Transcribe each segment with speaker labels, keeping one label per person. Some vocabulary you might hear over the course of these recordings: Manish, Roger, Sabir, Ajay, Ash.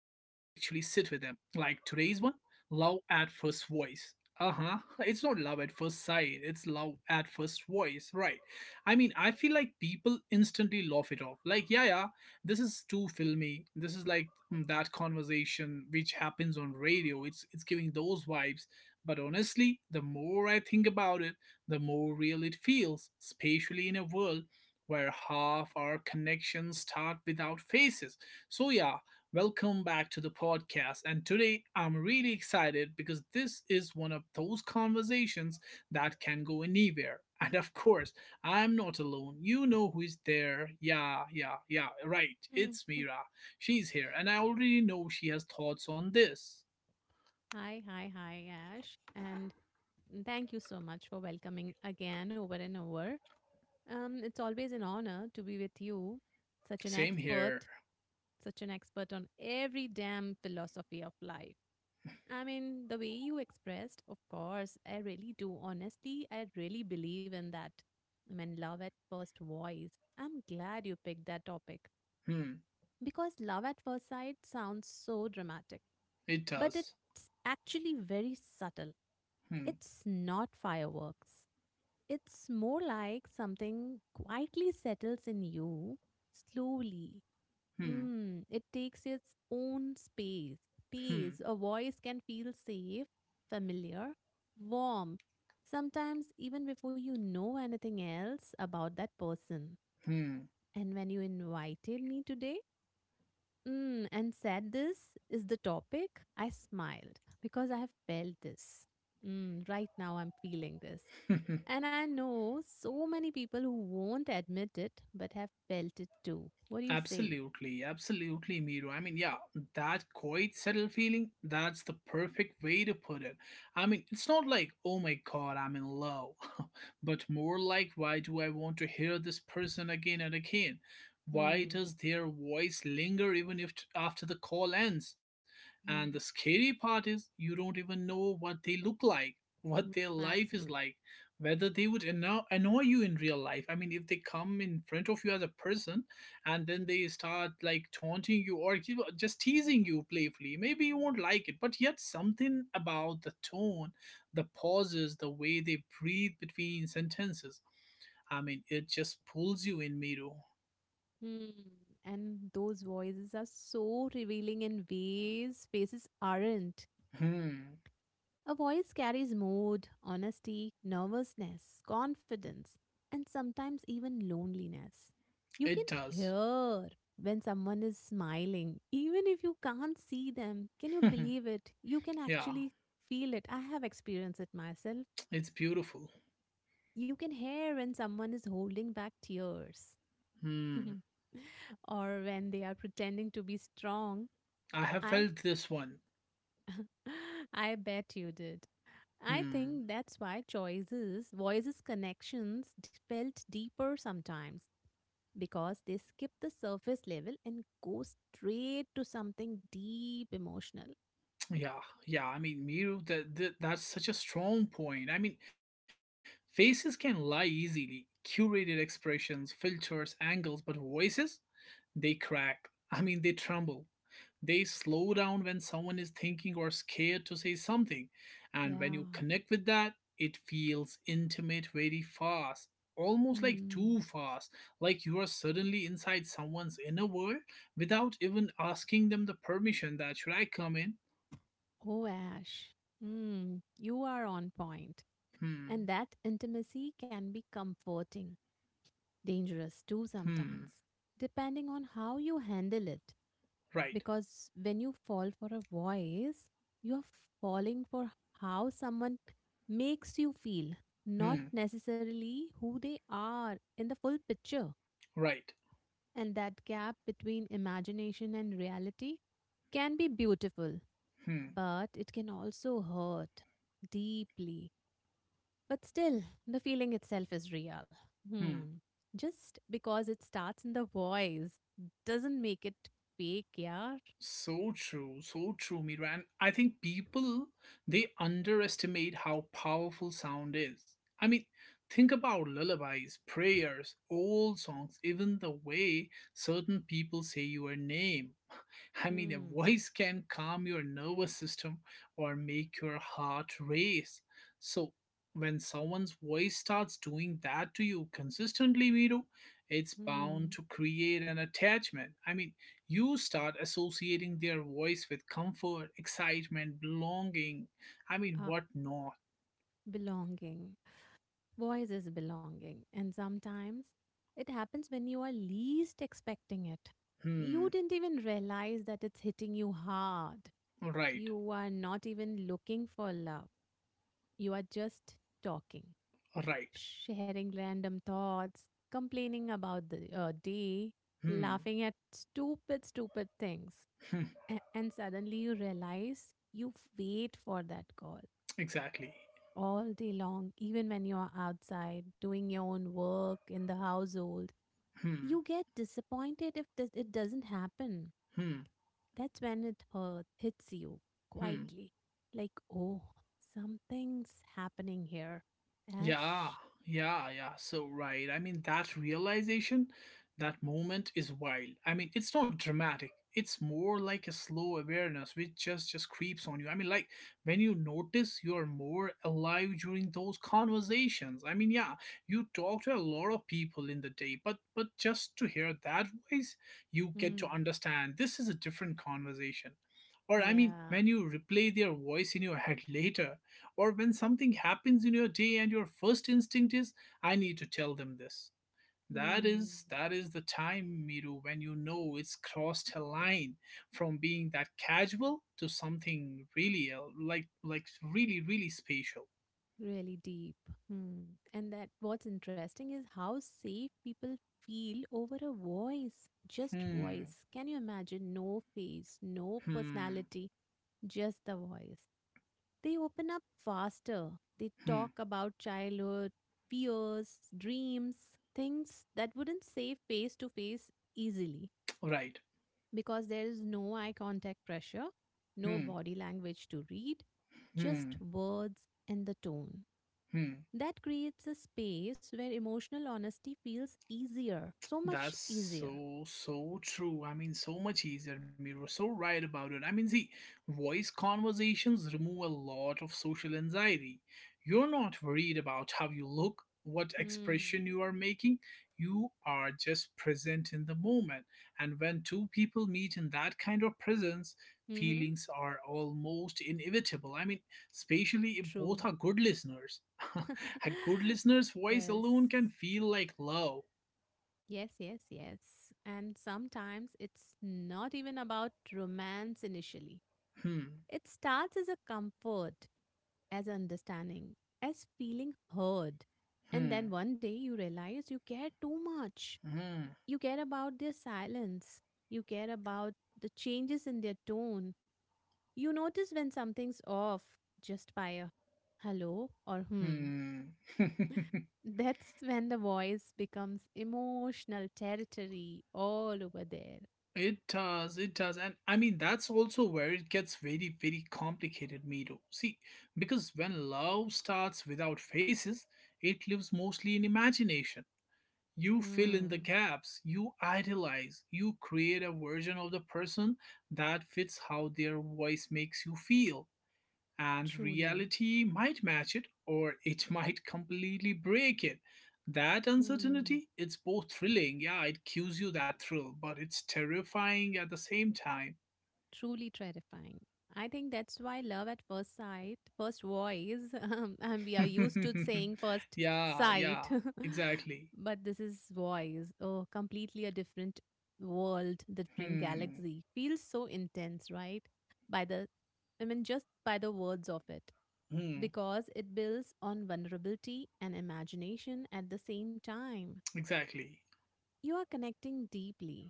Speaker 1: Like today's one, love at first voice. Uh huh. It's not love at first sight, it's love at first voice, right? I mean, I feel like people instantly laugh it off. Like, yeah, yeah, this is too filmy. This is like that conversation which happens on radio. It's giving those vibes. But honestly, the more I think about it, the more real it feels, especially in a world where half our connections start without faces. So, yeah, welcome back to the podcast. And today I'm really excited because this is one of those conversations that can go anywhere. And of course, I'm not alone. You know who is there. Yeah, yeah, yeah, right. It's
Speaker 2: Mhm.
Speaker 1: Mira. She's here, and I already know she has thoughts on this.
Speaker 2: Hi, Ash. And thank you so much for welcoming again over and over. It's always an honor to be with you, such an
Speaker 1: Same
Speaker 2: expert,
Speaker 1: here.
Speaker 2: such an expert on every damn philosophy of life. I mean, the way you expressed, of course, I really do. Honestly, I really believe in that. I mean, love at first voice. I'm glad you picked that topic
Speaker 1: Hmm,
Speaker 2: because love at first sight sounds so dramatic,
Speaker 1: it
Speaker 2: but
Speaker 1: does.
Speaker 2: it's actually very subtle.
Speaker 1: Hmm,
Speaker 2: It's not fireworks. It's more like something quietly settles in you slowly.
Speaker 1: hmm,
Speaker 2: It takes its own space.
Speaker 1: hmm.
Speaker 2: Space. A voice can feel safe, familiar, warm. Sometimes, even before you know anything else about that person.
Speaker 1: 嗯，
Speaker 2: And when you invited me today and said this is the topic, I smiled because I have felt this. Right now, I'm feeling this. And I know so many people who won't admit it but have felt it too. What do you say?
Speaker 1: Absolutely, absolutely, Miro. I mean, yeah, that quiet, settled feeling, that's the perfect way to put it. I mean, it's not like, oh my god, I'm in love, but more like, why do I want to hear this person again and again? Why
Speaker 2: Hmm.
Speaker 1: does their voice linger even if after the call ends? And the
Speaker 2: Hmm.
Speaker 1: scary part is, you don't even know what they look like, what
Speaker 2: Hmm.
Speaker 1: their life is
Speaker 2: Absolutely.
Speaker 1: like, whether they would annoy you in real life. I mean, if they come in front of you as a person, and then they start like taunting you or give, just teasing you playfully, maybe you won't like it, but yet something about the tone, the pauses, the way they breathe between sentences, I mean, it just pulls you in, Miru.
Speaker 2: Hmm. And those voices are so revealing in ways faces aren't.
Speaker 1: Hmm,
Speaker 2: A voice carries mood, honesty, nervousness, confidence, and sometimes even loneliness.
Speaker 1: it
Speaker 2: You can
Speaker 1: does.
Speaker 2: hear when someone is smiling, even if you can't see them. Can you believe it? You can
Speaker 1: Yeah,
Speaker 2: actually feel it. I have experienced it myself.
Speaker 1: it's beautiful.
Speaker 2: You can hear when someone is holding back tears
Speaker 1: Hmm,
Speaker 2: or when they are pretending to be strong.
Speaker 1: I have
Speaker 2: I
Speaker 1: felt this one.
Speaker 2: I bet you did. I
Speaker 1: Hmm.
Speaker 2: think that's why choices, voices, connections felt deeper sometimes because they skip the surface level and go straight to something deep emotional.
Speaker 1: Yeah, yeah. I mean, Miru, that's such a strong point. I mean, faces can lie easily. Curated expressions, filters, angles, but voices, they crack. I mean, they tremble. They slow down when someone is thinking or scared to say something. And when
Speaker 2: Yeah.
Speaker 1: you connect with that, it feels intimate very fast. Almost like
Speaker 2: Mm.
Speaker 1: too fast, like you are suddenly inside someone's inner world without even asking them the permission that should I come in?
Speaker 2: Oh, Ash. Mm. You are on point.
Speaker 1: Hmm.
Speaker 2: And that intimacy can be comforting, dangerous too
Speaker 1: Hmm.
Speaker 2: sometimes, depending on how you handle it.
Speaker 1: Right.
Speaker 2: Because when you fall for a voice, you're falling for how someone makes you feel, not
Speaker 1: Hmm.
Speaker 2: necessarily who they are in the full picture.
Speaker 1: Right.
Speaker 2: And that gap between imagination and reality can be beautiful,
Speaker 1: Hmm.
Speaker 2: but it can also hurt deeply. But still, the feeling itself is real.
Speaker 1: Hmm.
Speaker 2: Hmm. Just because it starts in the voice doesn't make it fake, yeah.
Speaker 1: So true. So true, Mira. And I think people, they underestimate how powerful sound is. I mean, think about lullabies, prayers, old songs, even the way certain people say your name. I mean, a
Speaker 2: Hmm.
Speaker 1: voice can calm your nervous system or make your heart race. So, when someone's voice starts doing that to you consistently, Vito, it's bound
Speaker 2: Hmm.
Speaker 1: to create an attachment. I mean, you start associating their voice with comfort, excitement, belonging. I mean,
Speaker 2: Ah,
Speaker 1: what not?
Speaker 2: belonging. Voice is belonging. And sometimes it happens when you are least expecting it. You
Speaker 1: Hmm,
Speaker 2: didn't even realize that it's hitting you hard.
Speaker 1: right,
Speaker 2: You are not even looking for love. You are just talking,
Speaker 1: right.
Speaker 2: sharing random thoughts, complaining about the day,
Speaker 1: Hmm,
Speaker 2: laughing at stupid things.
Speaker 1: hmm,
Speaker 2: And suddenly you realize you've waited for that call,
Speaker 1: exactly.
Speaker 2: all day long, even when you're outside doing your own work in the household.
Speaker 1: Hmm,
Speaker 2: You get disappointed if it doesn't happen.
Speaker 1: hmm,
Speaker 2: That's when hits you
Speaker 1: hmm.
Speaker 2: quietly. Like, oh, something's happening here.
Speaker 1: Yeah,
Speaker 2: Ash.
Speaker 1: yeah, yeah. So right. I mean, that realization, that moment is wild. I mean, it's not dramatic. It's more like a slow awareness which just creeps on you. I mean, like when you notice you are more alive during those conversations. I mean, yeah, you talk to a lot of people in the day, but just to hear that voice, you get to
Speaker 2: Hmm.
Speaker 1: understand this is a different conversation. Or I mean,
Speaker 2: Yeah.
Speaker 1: when you replay their voice in your head later, or when something happens in your day and your first instinct is I need to tell them this, that
Speaker 2: Hmm.
Speaker 1: is that is the time, Miru, when you know it's crossed a line from being that casual to something like really really special.
Speaker 2: Really deep. Hmm. And that what's interesting is how safe people feel over a voice, just
Speaker 1: Hmm
Speaker 2: voice. Can you imagine? No face, no
Speaker 1: hmm
Speaker 2: personality, just the voice. They open up faster. They
Speaker 1: hmm
Speaker 2: talk about childhood, fears, dreams, things that wouldn't say face to face easily
Speaker 1: right
Speaker 2: because there is no eye contact pressure, no
Speaker 1: hmm
Speaker 2: body language to read, just
Speaker 1: hmm
Speaker 2: words and the tone.
Speaker 1: hmm.
Speaker 2: That creates a space where emotional honesty feels easier, so much
Speaker 1: That's
Speaker 2: easier.
Speaker 1: so, so true. I mean, so much easier, Miro. So right about it. I mean, see, voice conversations remove a lot of social anxiety. You're not worried about how you look, what
Speaker 2: Mm.
Speaker 1: expression you are making. You are just present in the moment. And when two people meet in that kind of presence,
Speaker 2: Mm-hmm.
Speaker 1: feelings are almost inevitable. I mean, especially if both
Speaker 2: True.
Speaker 1: are good listeners. A good listener's voice
Speaker 2: Yes.
Speaker 1: alone can feel like love.
Speaker 2: Yes, yes, yes. And sometimes it's not even about romance initially.
Speaker 1: Hmm.
Speaker 2: It starts as a comfort, as understanding, as feeling heard. And then
Speaker 1: Hmm.
Speaker 2: one day you realize you care too much.
Speaker 1: Hmm.
Speaker 2: You care about their silence. You care about the changes in their tone. You notice when something's off just by a hello or hmm.
Speaker 1: Hmm.
Speaker 2: That's when the voice becomes emotional territory all over there.
Speaker 1: It does. It does. And I mean, that's also where it gets very, very complicated, Miro. See, because when love starts without faces, it lives mostly in imagination. You fill in the
Speaker 2: Hmm.
Speaker 1: gaps, you idealize, you create a version of the person that fits how their voice makes you feel. And
Speaker 2: Truly.
Speaker 1: reality might match it, or it might completely break it. That
Speaker 2: Hmm.
Speaker 1: uncertainty, it's both thrilling. Yeah, it gives you that thrill, but it's terrifying at the same time.
Speaker 2: Truly terrifying. I think that's why love at first sight, first voice, and we are used to saying first
Speaker 1: Yeah, yeah,
Speaker 2: sight,
Speaker 1: exactly.
Speaker 2: but this is voice. Oh, completely a different world, different
Speaker 1: Hmm,
Speaker 2: galaxy. Feels so intense, right? By the, I mean, just by the words of it,
Speaker 1: hmm,
Speaker 2: because it builds on vulnerability and imagination at the same time.
Speaker 1: exactly.
Speaker 2: You are connecting deeply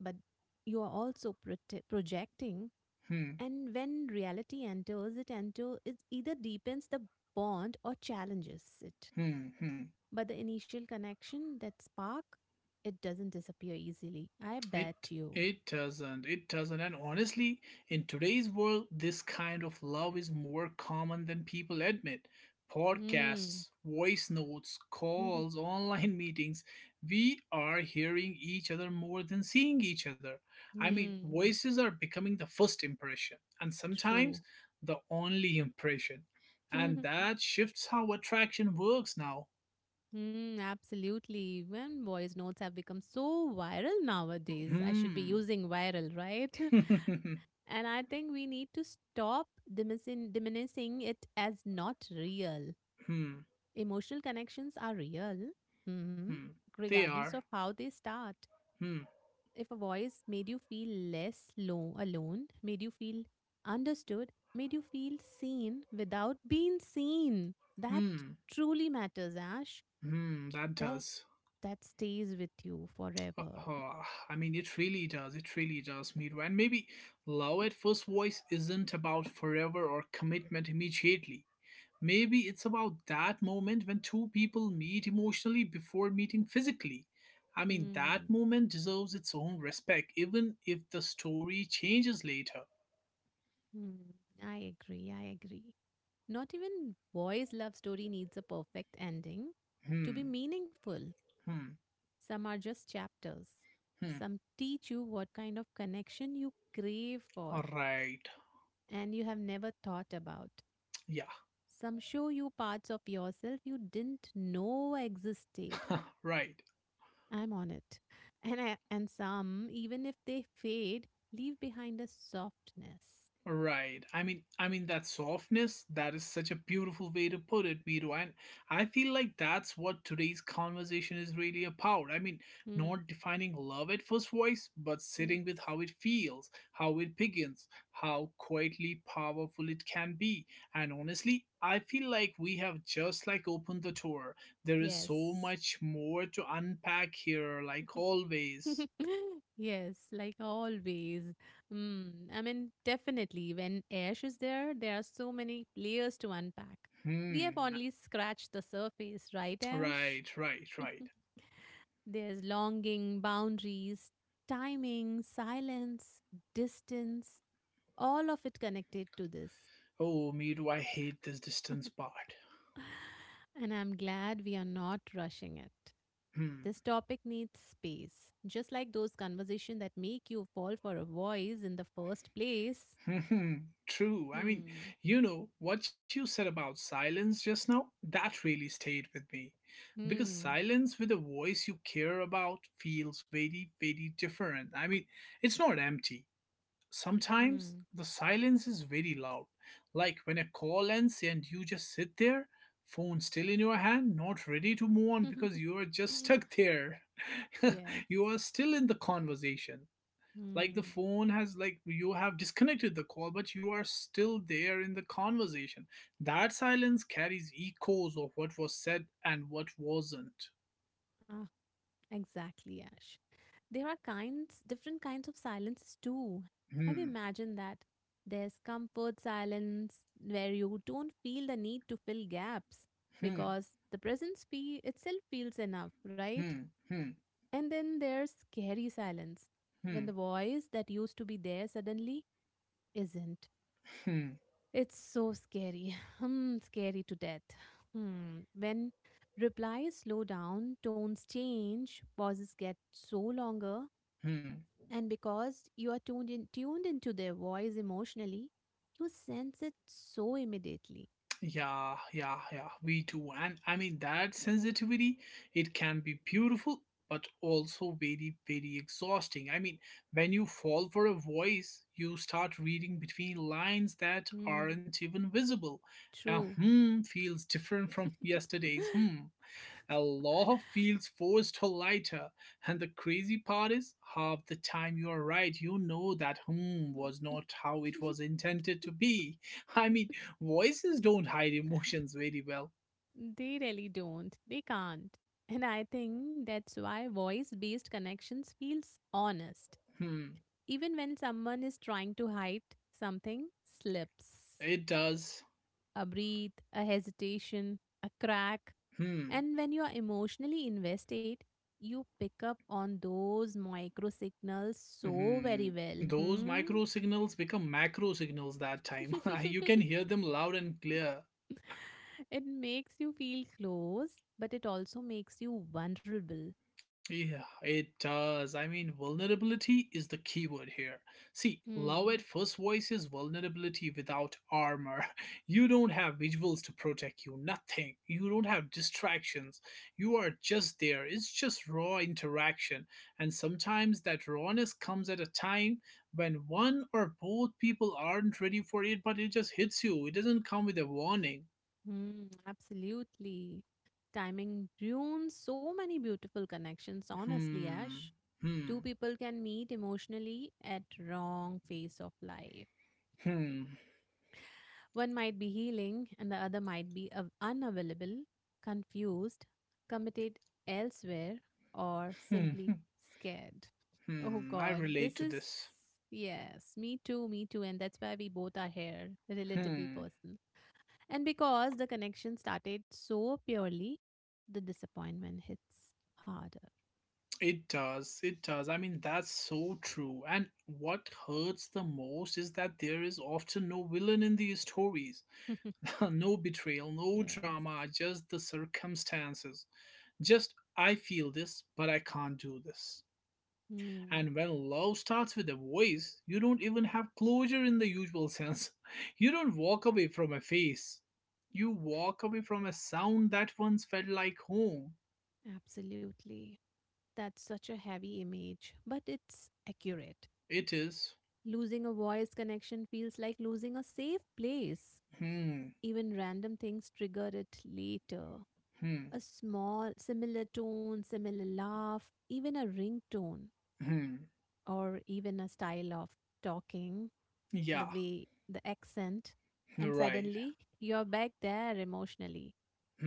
Speaker 2: but you are also projecting,
Speaker 1: Hmm,
Speaker 2: and when reality enter it either deepens the bond or challenges it.
Speaker 1: hmm, hmm.
Speaker 2: But the initial connection, that spark, it doesn't disappear easily. I bet
Speaker 1: It
Speaker 2: you.
Speaker 1: it doesn't. It doesn't. And honestly, in today's world, this kind of love is more common than people admit.
Speaker 2: Hmm.
Speaker 1: Podcasts, voice notes, calls, online meetings. We are hearing each other more than seeing each other. I mean,
Speaker 2: Hmm.
Speaker 1: voices are becoming the first impression and
Speaker 2: True.
Speaker 1: sometimes the only impression. And that shifts how attraction works now.
Speaker 2: Hmm, absolutely. When voice notes have become so viral nowadays, I should be
Speaker 1: Hmm.
Speaker 2: using viral, right?
Speaker 1: Hmm.
Speaker 2: And I think we need to stop diminishing it as not real.
Speaker 1: Hmm.
Speaker 2: Emotional connections are real, hmm,
Speaker 1: They
Speaker 2: regardless of
Speaker 1: are.
Speaker 2: how they start.
Speaker 1: Hmm.
Speaker 2: If a voice made you feel alone, made you feel understood, made you feel seen without being seen, that
Speaker 1: Hmm.
Speaker 2: truly matters, Ash.
Speaker 1: Hmm. That
Speaker 2: That
Speaker 1: does.
Speaker 2: that stays with you
Speaker 1: Uh,
Speaker 2: forever.
Speaker 1: uh, I mean, it really does. It really does, Miru. And maybe love at first voice isn't about forever or commitment immediately. Maybe it's about that moment when two people meet emotionally before meeting physically. I mean,
Speaker 2: Mm.
Speaker 1: that moment deserves its own respect, even if the story changes later.
Speaker 2: Mm. I agree. I agree. Not even boys' love story needs a perfect ending. To be
Speaker 1: Hmm.
Speaker 2: meaningful,
Speaker 1: Hmm.
Speaker 2: some are just chapters.
Speaker 1: Hmm.
Speaker 2: Some teach you what kind of connection you crave for
Speaker 1: All right.
Speaker 2: and you have never thought about.
Speaker 1: Yeah.
Speaker 2: Some show you parts of yourself you didn't know existed.
Speaker 1: Right.
Speaker 2: I'm on it. And some, even if they fade, leave behind a softness.
Speaker 1: Right. I mean, that softness. That is such a beautiful way to put it, Miro. And I feel like that's what today's conversation is really about. I mean,
Speaker 2: Hmm.
Speaker 1: not defining love at first voice, but sitting with
Speaker 2: Yes.
Speaker 1: how it feels, how it begins, how quietly powerful it can be. And honestly, I feel like we have just like opened the door. There is so
Speaker 2: Yes.
Speaker 1: much more to unpack here, like always.
Speaker 2: Yes, like always. Mm, I mean, definitely, when Ash is there, there are so many layers to unpack. We have
Speaker 1: Hmm.
Speaker 2: only scratched the surface, right, Ash?
Speaker 1: Right. Right. Right.
Speaker 2: There's longing, boundaries, timing, silence, distance, all of it connected to this.
Speaker 1: Oh, me do I hate this distance part.
Speaker 2: And I'm glad we are not rushing it.
Speaker 1: Hmm.
Speaker 2: This topic needs space, just like those conversations that make you fall for a voice in the first place.
Speaker 1: True. I mean,
Speaker 2: Hmm.
Speaker 1: you know, what you said about silence just now, that really stayed with me. Because
Speaker 2: Hmm.
Speaker 1: silence with a voice you care about feels very, very different. I mean, it's not empty. Sometimes
Speaker 2: Hmm.
Speaker 1: the silence is very loud. Like when a call ends and you just sit there, phone still in your hand, not ready to move on because you are just stuck there.
Speaker 2: Yes.
Speaker 1: You are still in the conversation, like the
Speaker 2: Hmm.
Speaker 1: phone has, like you have disconnected the call, but you are still there in the conversation. That silence carries echoes of what was said and what wasn't.
Speaker 2: Ah. Exactly, Ash. There are kinds, different kinds of silences too. Have you
Speaker 1: Hmm
Speaker 2: imagined that? There's comfort silence where you don't feel the need to fill gaps
Speaker 1: hmm
Speaker 2: because the presence fee itself feels enough, right?
Speaker 1: hmm hmm
Speaker 2: And then there's scary silence when the
Speaker 1: hmm
Speaker 2: voice that used to be there suddenly isn't.
Speaker 1: hmm
Speaker 2: It's so scary. Hmm, scary to death. Hmm. When replies slow down, tones change, pauses get so longer.
Speaker 1: hmm.
Speaker 2: And because you are tuned into their voice emotionally, you sense it so immediately.
Speaker 1: Yeah, yeah, yeah, we do. And I mean, that sensitivity, it can be beautiful, but also very, very exhausting. I mean, when you fall for a voice, you start reading between lines that
Speaker 2: Hmm,
Speaker 1: aren't even visible. A
Speaker 2: true.
Speaker 1: hmm feels different from yesterday's hmm. Aloha feels forced or lighter, and the crazy part is half the time you are right, you know that hmm was not how it was intended to be. I mean, voices don't hide emotions very well.
Speaker 2: They really don't. They can't. And I think that's why voice based connections feels honest.
Speaker 1: Hmm,
Speaker 2: Even when someone is trying to hide something slips.
Speaker 1: it does.
Speaker 2: A breathe, a hesitation, a crack.
Speaker 1: Hmm,
Speaker 2: And when you are emotionally invested, you pick up on those micro signals so
Speaker 1: hmm.
Speaker 2: very well.
Speaker 1: Those
Speaker 2: Hmm?
Speaker 1: micro signals become macro signals that time. You can hear them loud and clear.
Speaker 2: It makes you feel close, but it also makes you vulnerable.
Speaker 1: Yeah, it does. I mean, vulnerability is the key word here. See, love at
Speaker 2: Hmm.
Speaker 1: first voice is vulnerability without armor. You don't have visuals to protect you, nothing. You don't have distractions. You are just there. It's just raw interaction. And sometimes that rawness comes at a time when one or both people aren't ready for it, but it just hits you. It doesn't come with a warning.
Speaker 2: Hmm. Absolutely. Timing ruins so many beautiful connections, honestly,
Speaker 1: Hmm,
Speaker 2: Ash. Two
Speaker 1: hmm,
Speaker 2: people can meet emotionally at wrong phase of life.
Speaker 1: hmm,
Speaker 2: One might be healing and the other might be unavailable, confused, committed elsewhere, or
Speaker 1: hmm,
Speaker 2: simply
Speaker 1: hmm.
Speaker 2: scared. Oh
Speaker 1: Hmm. I
Speaker 2: God,
Speaker 1: relate
Speaker 2: this
Speaker 1: to
Speaker 2: is.
Speaker 1: this.
Speaker 2: Yes, me too, me too. And that's why we both are here, relatable
Speaker 1: Hmm,
Speaker 2: person. And because the connection started so purely, the disappointment hits harder.
Speaker 1: it does. It does. I mean, that's so true. And what hurts the most is that there is often no villain in these stories. No betrayal, no drama,
Speaker 2: Yes.
Speaker 1: just the circumstances. Just, I feel this, but I can't do this.
Speaker 2: Hmm,
Speaker 1: And when love starts with a voice, you don't even have closure in the usual sense. You don't walk away from a face. You walk away from a sound that once felt like home.
Speaker 2: absolutely. That's such a heavy image, but it's accurate.
Speaker 1: It is.
Speaker 2: Losing a voice connection feels like losing a safe place.
Speaker 1: Hmm.
Speaker 2: Even random things trigger it later.
Speaker 1: Hmm.
Speaker 2: A small, similar tone, similar laugh, even a ringtone,
Speaker 1: Hmm.
Speaker 2: or even a style of talking, the
Speaker 1: Yeah.
Speaker 2: way, the accent, and
Speaker 1: Right.
Speaker 2: suddenly you're back there emotionally,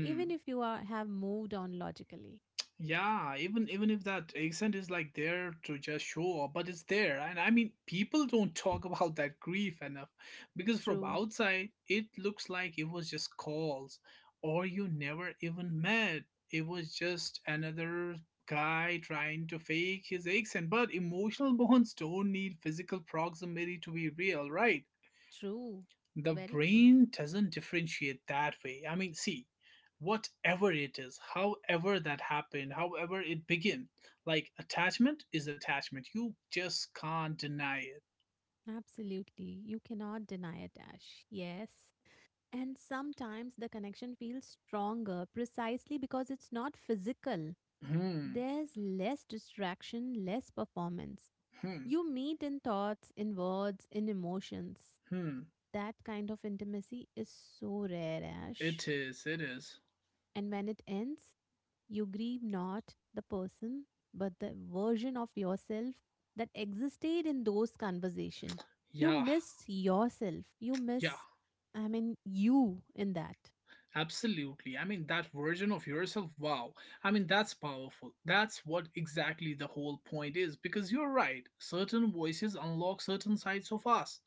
Speaker 2: even if have moved on logically.
Speaker 1: Yeah. Even even if that accent is like there to just show up, but it's there, and I mean, people don't talk about that grief enough, because from
Speaker 2: True,
Speaker 1: outside it looks like it was just calls, or you never even met. It was just another guy trying to fake his accent. But emotional bonds don't need physical proximity to be real, right?
Speaker 2: true,
Speaker 1: The
Speaker 2: very true.
Speaker 1: brain doesn't differentiate that way. I mean, see, whatever it is, however that happened, however it began, like attachment is attachment, you just can't deny it.
Speaker 2: Absolutely. You cannot deny it, Ash. Yes. And sometimes the connection feels stronger precisely because it's not physical.
Speaker 1: Hmm
Speaker 2: There's less distraction, less performance.
Speaker 1: hmm
Speaker 2: You meet in thoughts, in words, in emotions.
Speaker 1: hmm
Speaker 2: That kind of intimacy is so rare, Ash.
Speaker 1: it is
Speaker 2: And when it ends, you grieve not the person, but the version of yourself that existed in those conversations. You
Speaker 1: yeah
Speaker 2: miss yourself. You
Speaker 1: yeah.
Speaker 2: miss, I mean, you in that.
Speaker 1: Absolutely. I mean, that version of yourself, wow. I mean, that's powerful. That's what exactly the whole point is, because you're right. Certain voices unlock certain sides of us.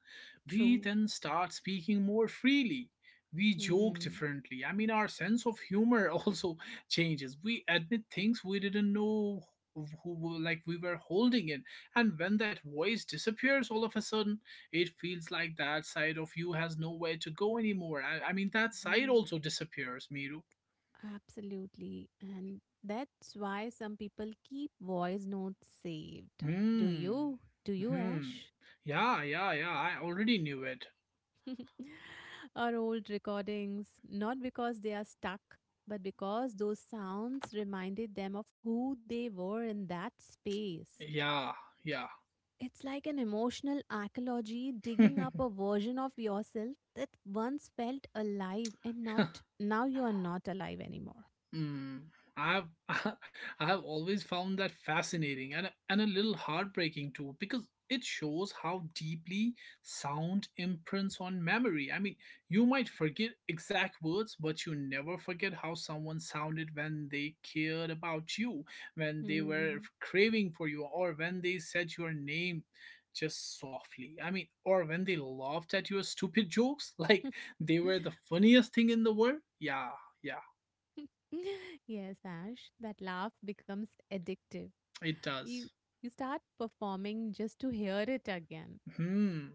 Speaker 1: We
Speaker 2: True.
Speaker 1: then start speaking more freely. We joke
Speaker 2: Hmm.
Speaker 1: differently. I mean, our sense of humor also changes. We admit things we didn't know who like we were holding in. And when that voice disappears all of a sudden it feels like that side of you has nowhere to go anymore. I mean, that side
Speaker 2: Hmm.
Speaker 1: also disappears, Miru.
Speaker 2: Absolutely. And that's why some people keep voice notes saved. Do
Speaker 1: Hmm.
Speaker 2: you? Do you,
Speaker 1: Hmm.
Speaker 2: Ash?
Speaker 1: Yeah, yeah, yeah, I already knew it.
Speaker 2: Or old recordings, not because they are stuck, but because those sounds reminded them of who they were in that space.
Speaker 1: Yeah, yeah.
Speaker 2: It's like an emotional archaeology digging up a version of yourself that once felt alive and not now you are not alive anymore.
Speaker 1: Mm, I've I've always found that fascinating and a little heartbreaking too, because it shows how deeply sound imprints on memory. I mean, you might forget exact words, but you never forget how someone sounded when they cared about you, when they were
Speaker 2: Hmm.
Speaker 1: craving for you, or when they said your name just softly. I mean, or when they laughed at your stupid jokes like they were the funniest thing in the world. Yeah, yeah,
Speaker 2: Yes, Ash, that laugh becomes addictive.
Speaker 1: it
Speaker 2: You
Speaker 1: does.
Speaker 2: you start performing just to hear it again.
Speaker 1: Hmm.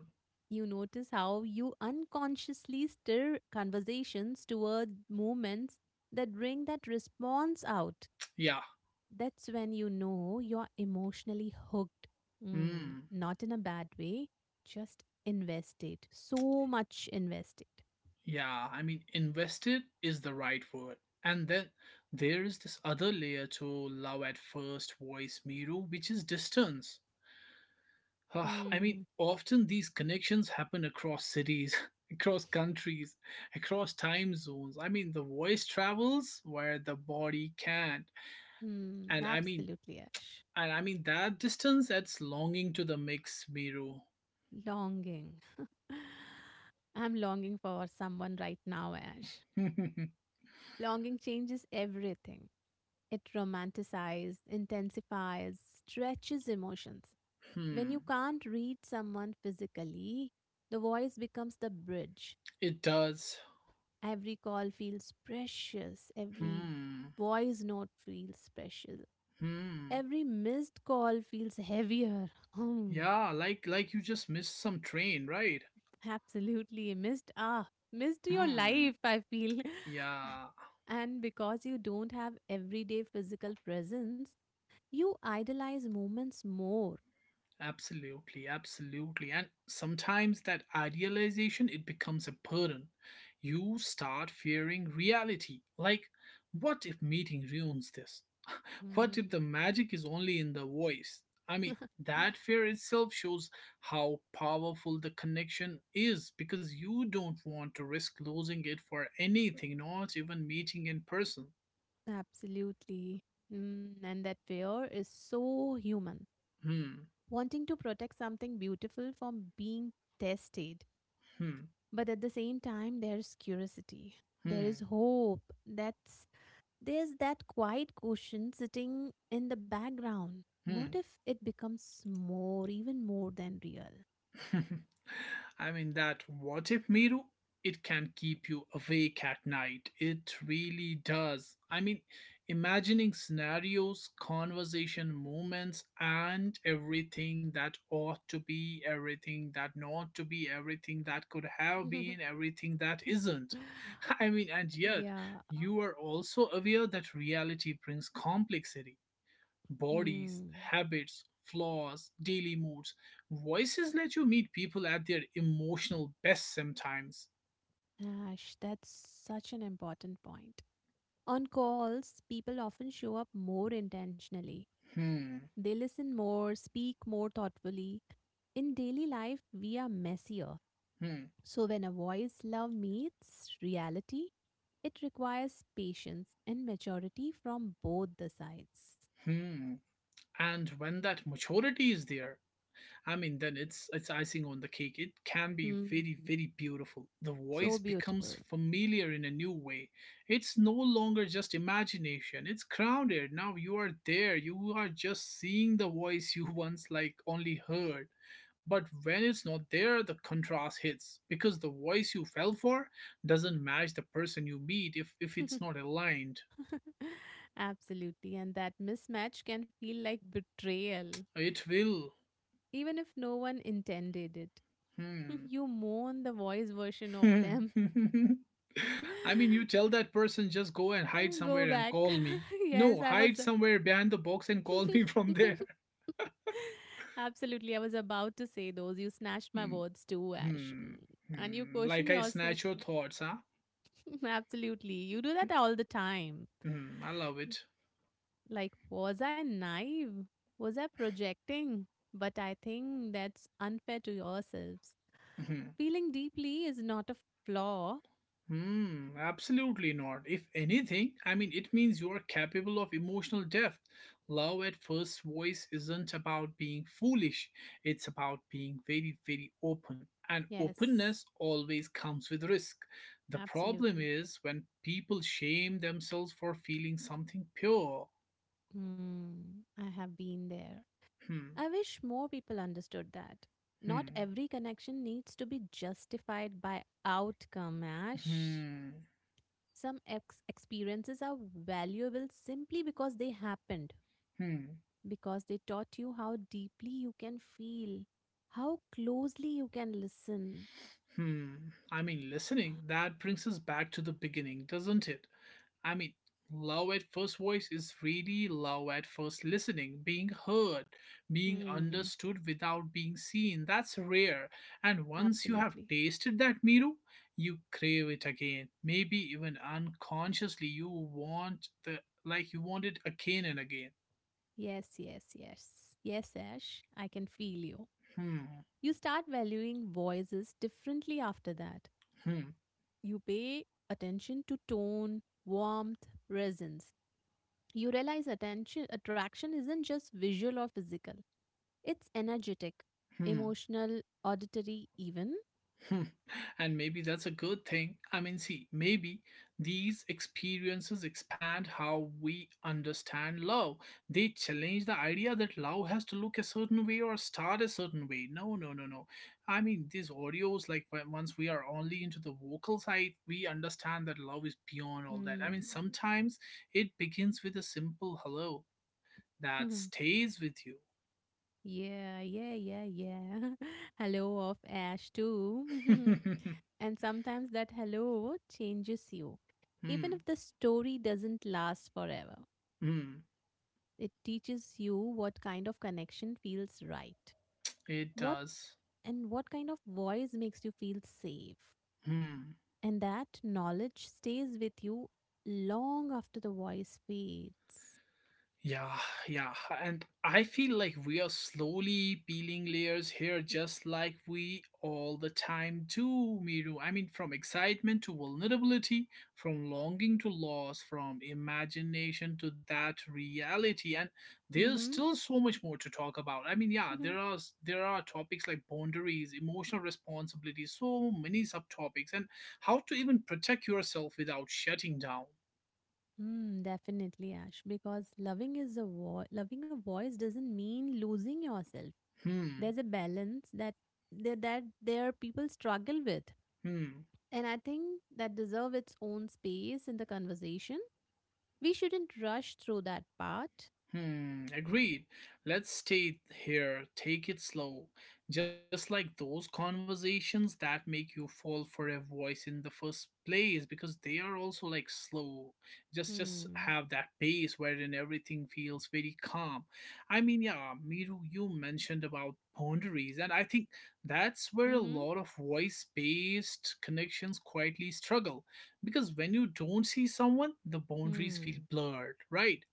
Speaker 2: You notice how you unconsciously stir conversations toward moments that bring that response out.
Speaker 1: Yeah.
Speaker 2: That's when you know you're emotionally hooked. Mm,
Speaker 1: Hmm.
Speaker 2: not in a bad way, just invested. So much invested.
Speaker 1: Yeah. I mean, invested is the right word. And then there is this other layer to love at first voice, Miru, which is distance. I mean,
Speaker 2: Hmm.
Speaker 1: often these connections happen across cities, across countries, across time zones. I mean, the voice travels where the body can't.
Speaker 2: Hmm.
Speaker 1: And I mean,
Speaker 2: Absolutely, Ash.
Speaker 1: and I mean that distance adds longing to the mix, Miru.
Speaker 2: Longing. I'm longing for someone right now, Ash.
Speaker 1: Hmm.
Speaker 2: Longing changes everything. It romanticizes, intensifies, stretches emotions. When you can't read someone physically, the voice becomes the bridge.
Speaker 1: It does.
Speaker 2: Every call feels precious. Every
Speaker 1: Hmm.
Speaker 2: voice note feels special.
Speaker 1: Hmm.
Speaker 2: Every missed call feels heavier. Hmm,
Speaker 1: Yeah, like you just missed some train, right?
Speaker 2: absolutely. Missed your life,
Speaker 1: Hmm.
Speaker 2: I feel.
Speaker 1: Yeah,
Speaker 2: And because you don't have everyday physical presence, you idolize moments more.
Speaker 1: absolutely, absolutely. And sometimes that idealization it becomes a burden. You start fearing reality. Like, what if meeting ruins this? What if
Speaker 2: Hmm.
Speaker 1: the magic is only in the voice? I mean, that fear itself shows how powerful the connection is because you don't want to risk losing it for anything, not even meeting in person.
Speaker 2: Absolutely. Mm, and that fear is so human.
Speaker 1: Hmm,
Speaker 2: Wanting to protect something beautiful from being tested.
Speaker 1: hmm,
Speaker 2: But at the same time there's curiosity, there
Speaker 1: hmm,
Speaker 2: is hope, that's there's that quiet question sitting in the background, what
Speaker 1: hmm.
Speaker 2: if it becomes more, even more than real?
Speaker 1: I mean, that what if, Miru? It can keep you awake at night. It really does. I mean, imagining scenarios, conversation moments, and everything that ought to be, everything that not to be, everything that could have been, everything that isn't. I mean, and yet,
Speaker 2: Yeah.
Speaker 1: you are also aware that reality brings complexity: bodies,
Speaker 2: Hmm.
Speaker 1: habits, flaws, daily moods. Voices let you meet people at their emotional best sometimes.
Speaker 2: Ash, that's such an important point. On calls people often show up more intentionally,
Speaker 1: Hmm,
Speaker 2: they listen more, speak more thoughtfully. In daily life we are messier.
Speaker 1: hmm,
Speaker 2: So, when a voice love meets reality, it requires patience and maturity from both the sides.
Speaker 1: hmm. And when that maturity is there, I mean, then it's icing on the cake. It can be
Speaker 2: Hmm.
Speaker 1: very, very beautiful. The voice
Speaker 2: So
Speaker 1: becomes
Speaker 2: beautiful.
Speaker 1: familiar in a new way. It's no longer just imagination. It's grounded. Now you are there. You are just seeing the voice you once like only heard. But when it's not there, the contrast hits because the voice you fell for doesn't match the person you meet if it's not aligned.
Speaker 2: Absolutely. And that mismatch can feel like betrayal,
Speaker 1: It will.
Speaker 2: even if no one intended it.
Speaker 1: Hmm.
Speaker 2: You mourn the voice version of them.
Speaker 1: I mean, you tell that person just go and hide
Speaker 2: Go
Speaker 1: somewhere and
Speaker 2: back.
Speaker 1: call me.
Speaker 2: Yes,
Speaker 1: No,
Speaker 2: I
Speaker 1: hide
Speaker 2: was.
Speaker 1: somewhere behind the box and call me from there.
Speaker 2: Absolutely. I was about to say those. You snatched my
Speaker 1: Hmm,
Speaker 2: words too, Ash.
Speaker 1: hmm,
Speaker 2: Mm. And you
Speaker 1: hmm. Like
Speaker 2: question
Speaker 1: I
Speaker 2: yourself
Speaker 1: snatch your
Speaker 2: too.
Speaker 1: thoughts, huh?
Speaker 2: Absolutely. You do that all the time.
Speaker 1: Hmm, I love it.
Speaker 2: Like, was I naive? Was I projecting? But I think that's unfair to yourselves.
Speaker 1: Hmm.
Speaker 2: Feeling deeply is not a flaw.
Speaker 1: Hmm, absolutely not. If anything, I mean, it means you are capable of emotional depth. Love at first voice isn't about being foolish, it's about being very, very open. And
Speaker 2: Yes,
Speaker 1: openness always comes with risk. The problem
Speaker 2: absolutely.
Speaker 1: is when people shame themselves for feeling something pure.
Speaker 2: Hmm. I have been there.
Speaker 1: Hmm,
Speaker 2: I wish more people understood that. Not
Speaker 1: hmm,
Speaker 2: every connection needs to be justified by outcome, Ash.
Speaker 1: hmm,
Speaker 2: Some experiences are valuable simply because they happened,
Speaker 1: hmm.
Speaker 2: because they taught you how deeply you can feel, how closely you can listen.
Speaker 1: Hmm. I mean, listening, that brings us back to the beginning, doesn't it? I mean, love at first voice is really love at first listening, being heard, being
Speaker 2: Hmm,
Speaker 1: understood without being seen. That's rare. And once you have
Speaker 2: absolutely.
Speaker 1: tasted that, Miru, you crave it again. Maybe even unconsciously, you want the like you want it again and again.
Speaker 2: Yes, yes, yes. Yes, Ash, I can feel you.
Speaker 1: Hmm,
Speaker 2: You start valuing voices differently after that.
Speaker 1: hmm,
Speaker 2: You pay attention to tone, warmth, presence. You realize attention attraction isn't just visual or physical. It's energetic,
Speaker 1: hmm.
Speaker 2: emotional, auditory even.
Speaker 1: Hmm, and maybe that's a good thing. I mean, see, maybe these experiences expand how we understand love. They challenge the idea that love has to look a certain way or start a certain way. No, no, no, no. I mean, these audios, like once we are only into the vocal side, we understand that love is beyond all that. I mean,
Speaker 2: Hmm.
Speaker 1: sometimes it begins with a simple hello that stays with you.
Speaker 2: Yeah, yeah, yeah, yeah. Hello of Ash too. And sometimes that hello changes you. Even
Speaker 1: Hmm,
Speaker 2: if the story doesn't last forever,
Speaker 1: hmm,
Speaker 2: it teaches you what kind of connection feels right,
Speaker 1: it
Speaker 2: what
Speaker 1: does.
Speaker 2: and what kind of voice makes you feel safe.
Speaker 1: Hmm.
Speaker 2: And that knowledge stays with you long after the voice fades.
Speaker 1: Yeah, yeah. And I feel like we are slowly peeling layers here, just like we all the time do, Miru. I mean, from excitement to vulnerability, from longing to loss, from imagination to that reality. And there's
Speaker 2: Mm-hmm.
Speaker 1: still so much more to talk about. I mean, yeah,
Speaker 2: Mm-hmm.
Speaker 1: there are topics like boundaries, emotional responsibility, so many subtopics, and how to even protect yourself without shutting down.
Speaker 2: Mm, definitely, Ash, because loving is a loving a voice doesn't mean losing yourself.
Speaker 1: Hmm.
Speaker 2: There's a balance that that there people struggle with.
Speaker 1: Hmm.
Speaker 2: And I think that deserve its own space in the conversation. We shouldn't rush through that part.
Speaker 1: Hmm, agreed. Let's stay here, take it slow. Just like those conversations that make you fall for a voice in the first place because they are also like slow. Just
Speaker 2: Hmm.
Speaker 1: have that pace wherein everything feels very calm. I mean, yeah, Miru, you mentioned about boundaries and I think that's where a
Speaker 2: Mm-hmm.
Speaker 1: lot of voice-based connections quietly struggle because when you don't see someone, the boundaries feel
Speaker 2: Hmm.
Speaker 1: blurred, right?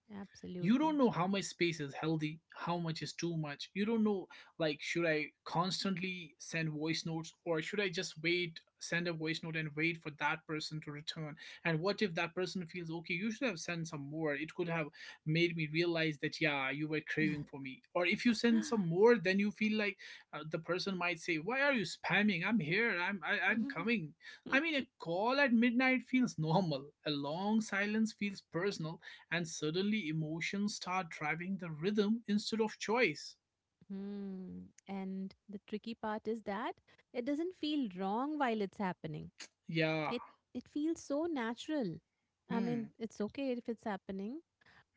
Speaker 1: You don't
Speaker 2: Absolutely.
Speaker 1: know how much space is healthy, how much is too much. You don't know, like, should I constantly send voice notes, or should I just wait, send a voice note and wait for that person to return? And what if that person feels, okay, you should have sent some more, it could have made me realize that, yeah, you were craving for me. Or if you send some more, then you feel like, the person might say, why are you spamming, I'm here, I'm coming. I mean, a call at midnight feels normal, a long silence feels personal, and suddenly emotions start driving the rhythm instead of choice.
Speaker 2: Hmm. And the tricky part is that it doesn't feel wrong while it's happening.
Speaker 1: Yeah.
Speaker 2: It it feels so natural. I
Speaker 1: Hmm.
Speaker 2: mean, it's okay if it's happening,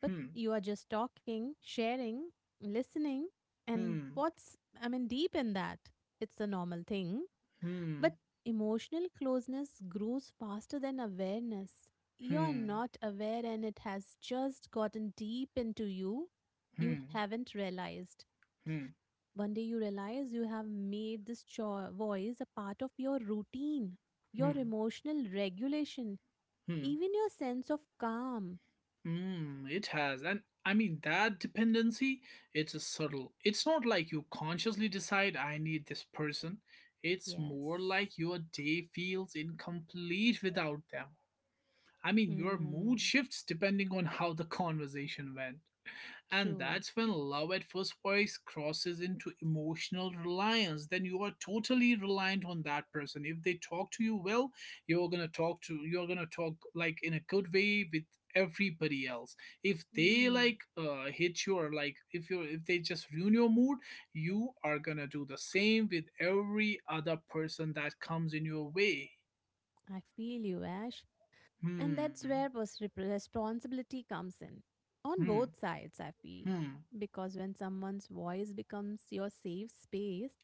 Speaker 2: but
Speaker 1: Hmm.
Speaker 2: you are just talking, sharing, listening, and
Speaker 1: Hmm.
Speaker 2: what's I mean deep in that. It's a normal thing,
Speaker 1: Hmm.
Speaker 2: but emotional closeness grows faster than awareness. You are
Speaker 1: Hmm.
Speaker 2: not aware and it has just gotten deep into you.
Speaker 1: Hmm.
Speaker 2: You
Speaker 1: Hmm.
Speaker 2: haven't realized.
Speaker 1: Hmm.
Speaker 2: One day you realize you have made this voice a part of your routine, your emotional regulation,
Speaker 1: Hmm.
Speaker 2: even your sense of calm.
Speaker 1: Hmm. It has. And I mean, that dependency, it's a subtle. It's not like you consciously decide, I need this person. It's
Speaker 2: Yes.
Speaker 1: more like your day feels incomplete without them. I mean, your mood
Speaker 2: Hmm.
Speaker 1: shifts depending on how the conversation went. And
Speaker 2: True.
Speaker 1: that's when love at first voice crosses into emotional reliance. Then you are totally reliant on that person. If they talk to you well, you're gonna talk like in a good way with everybody else. If they
Speaker 2: Hmm.
Speaker 1: like hit you, or like if they just ruin your mood, you are gonna do the same with every other person that comes in your way.
Speaker 2: I feel you, Ash. And
Speaker 1: Hmm.
Speaker 2: that's where responsibility comes in. On
Speaker 1: Hmm.
Speaker 2: both sides, I feel.
Speaker 1: Hmm.
Speaker 2: Because when someone's voice becomes your safe space,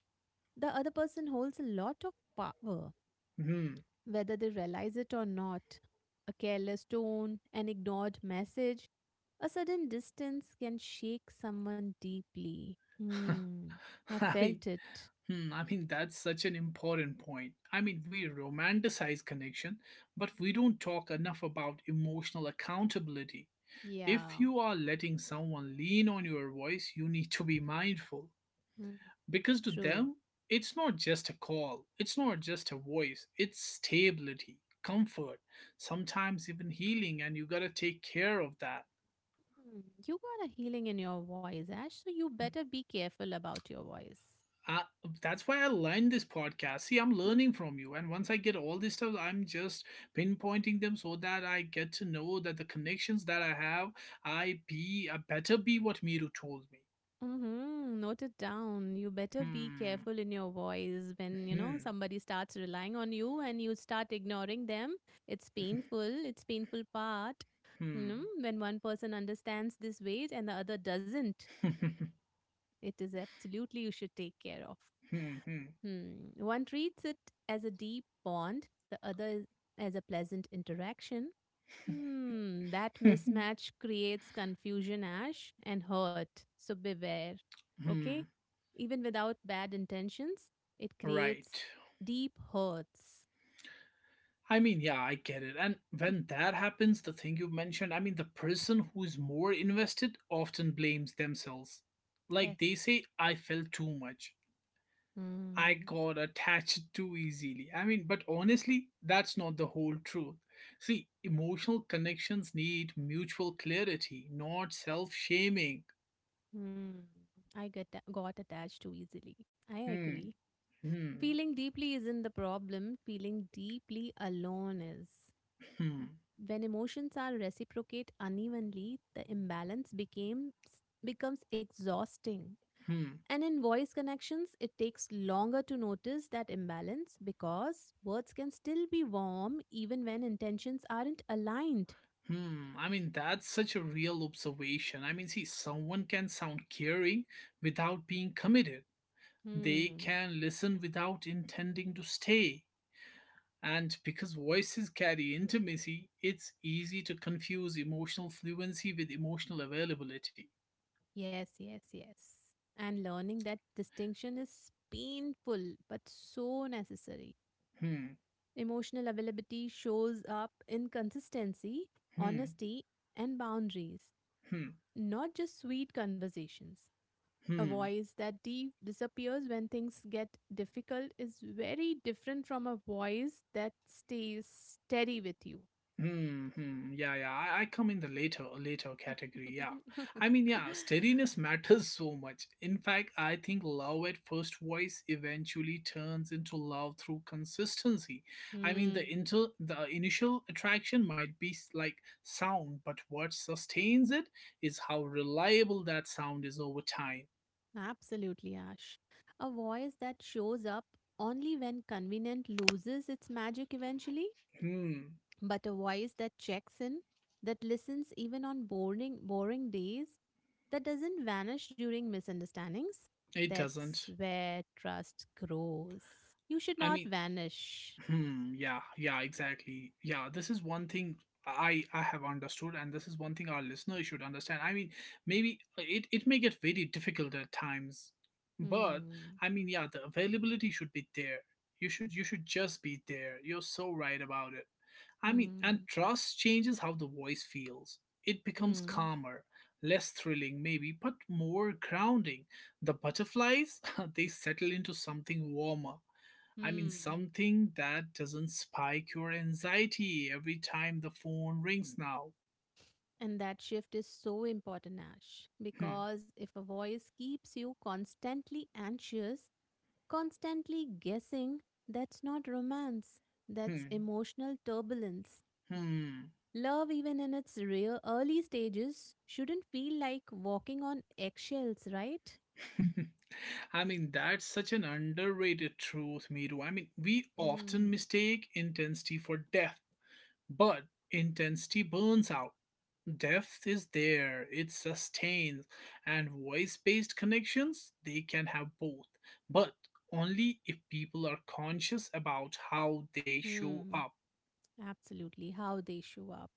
Speaker 2: the other person holds a lot of power.
Speaker 1: Hmm.
Speaker 2: Whether they realize it or not, a careless tone, an ignored message, a sudden distance can shake someone deeply. Hmm. I
Speaker 1: I mean,
Speaker 2: felt it.
Speaker 1: hmm, I mean, that's such an important point. I mean, we romanticize connection,
Speaker 2: Mhm.
Speaker 1: but we don't talk enough about emotional accountability. If
Speaker 2: Yeah.
Speaker 1: you are letting someone lean on your voice, you need to be mindful.
Speaker 2: Hmm.
Speaker 1: Because to
Speaker 2: True.
Speaker 1: them, it's not just a call, it's not just a voice, it's stability, comfort, sometimes even healing, and you gotta take care of that.
Speaker 2: Hmm. You got a healing in your voice, Ash, so you better be careful about your voice.
Speaker 1: I, that's why I learned this podcast. See, I'm learning from you. And once I get all this stuff, I'm just pinpointing them so that I get to know that the connections that I have, I better be what Miru told me.
Speaker 2: Mm-hmm. Note it down. You better be
Speaker 1: Hmm.
Speaker 2: careful in your voice when, you know,
Speaker 1: Hmm.
Speaker 2: somebody starts relying on you and you start ignoring them. It's painful. It's painful part. You
Speaker 1: Hmm.
Speaker 2: know, when one person understands this weight and the other doesn't, it is absolutely you should take care of.
Speaker 1: Hmm. Hmm.
Speaker 2: Hmm. One treats it as a deep bond, the other as a pleasant interaction. Hmm, that mismatch creates confusion, Ash, and hurt. So beware. Okay?
Speaker 1: Hmm.
Speaker 2: Even without bad intentions, it creates
Speaker 1: Right.
Speaker 2: deep hurts.
Speaker 1: I mean, yeah, I get it. And when that happens, the thing you mentioned, I mean, the person who is more invested often blames themselves.
Speaker 2: Yes.
Speaker 1: Like they say, I felt too much. I
Speaker 2: Hmm.
Speaker 1: got attached too easily. I mean, but honestly, that's not the whole truth. See, emotional connections need mutual clarity, not self shaming.
Speaker 2: Hmm. I get got attached too easily. I
Speaker 1: Hmm,
Speaker 2: agree.
Speaker 1: hmm,
Speaker 2: Feeling deeply isn't the problem. Feeling deeply alone is.
Speaker 1: hmm,
Speaker 2: When emotions are reciprocate unevenly, the imbalance became becomes exhausting.
Speaker 1: hmm,
Speaker 2: And in voice connections, it takes longer to notice that imbalance because words can still be warm even when intentions aren't aligned.
Speaker 1: hmm. I mean, that's such a real observation. I mean, see, someone can sound caring without being committed, they
Speaker 2: Hmm.
Speaker 1: can listen without intending to stay. And because voices carry intimacy, it's easy to confuse emotional fluency with emotional availability.
Speaker 2: Yes, yes, yes. And learning that distinction is painful but so necessary.
Speaker 1: Hmm,
Speaker 2: Emotional availability shows up in consistency,
Speaker 1: hmm,
Speaker 2: honesty, and boundaries,
Speaker 1: hmm,
Speaker 2: not just sweet conversations. A
Speaker 1: hmm.
Speaker 2: voice that disappears when things get difficult is very different from a voice that stays steady with you.
Speaker 1: Hmm, hmm, yeah, yeah. I come in the later category, yeah. I mean, yeah, steadiness matters so much. In fact, I think love at first voice eventually turns into love through consistency. I mean, the
Speaker 2: Hmm,
Speaker 1: inter the initial attraction might be like sound, but what sustains it is how reliable that sound is over time.
Speaker 2: absolutely, Ash. A voice that shows up only when convenient loses its magic eventually.
Speaker 1: Hmm,
Speaker 2: But a voice that checks in, that listens even on boring, boring days, that doesn't vanish during misunderstandings.
Speaker 1: it
Speaker 2: That's
Speaker 1: doesn't.
Speaker 2: where trust grows. You should
Speaker 1: I
Speaker 2: not
Speaker 1: mean,
Speaker 2: vanish.
Speaker 1: hmm, yeah, yeah, exactly. Yeah, this is one thing I have understood, and this is one thing our listeners should understand. I mean, maybe it, it may get very difficult at times, but
Speaker 2: Hmm.
Speaker 1: I mean, yeah, the availability should be there. You should just be there. You're so right about it. I mean, and
Speaker 2: Hmm.
Speaker 1: trust changes how the voice feels. It becomes
Speaker 2: Hmm.
Speaker 1: calmer, less thrilling maybe, but more grounding. The butterflies, they settle into something warmer. I mean,
Speaker 2: Hmm.
Speaker 1: something that doesn't spike your anxiety every time the phone rings now.
Speaker 2: And that shift is so important, Ash,
Speaker 1: Hmm,
Speaker 2: because if a voice keeps you constantly anxious, constantly guessing, that's not romance, that's
Speaker 1: hmm,
Speaker 2: emotional turbulence.
Speaker 1: hmm.
Speaker 2: Love, even in its real early stages, shouldn't feel like walking on eggshells, right?
Speaker 1: I mean, that's such an underrated truth, Miru. I mean, we often
Speaker 2: Hmm.
Speaker 1: mistake intensity for depth, but intensity burns out. Depth is there, it sustains, and voice based connections, they can have both, but only if people are conscious about how they show
Speaker 2: Hmm.
Speaker 1: up.
Speaker 2: Absolutely. How they show up.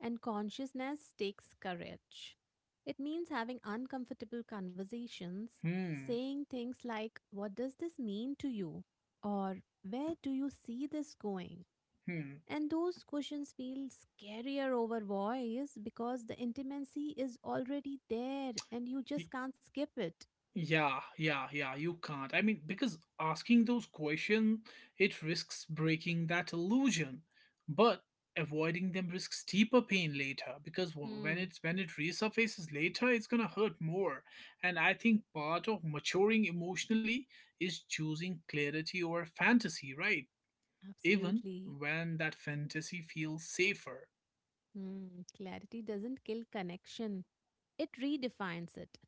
Speaker 2: And consciousness takes courage. It means having uncomfortable conversations,
Speaker 1: Hmm.
Speaker 2: saying things like, "What does this mean to you?" Or "Where do you see this going?"
Speaker 1: Hmm.
Speaker 2: And those questions feel scarier over voice because the intimacy is already there and you
Speaker 1: Y-
Speaker 2: just can't skip it.
Speaker 1: Yeah, yeah, yeah, you can't. I mean, because asking those questions, it risks breaking that illusion, but avoiding them risks deeper pain later because when
Speaker 2: Hmm,
Speaker 1: it resurfaces later it's going to hurt more. And I think part of maturing emotionally is choosing clarity over fantasy, right? Even
Speaker 2: absolutely.
Speaker 1: when that fantasy feels safer.
Speaker 2: Hmm, clarity doesn't kill connection, it redefines it.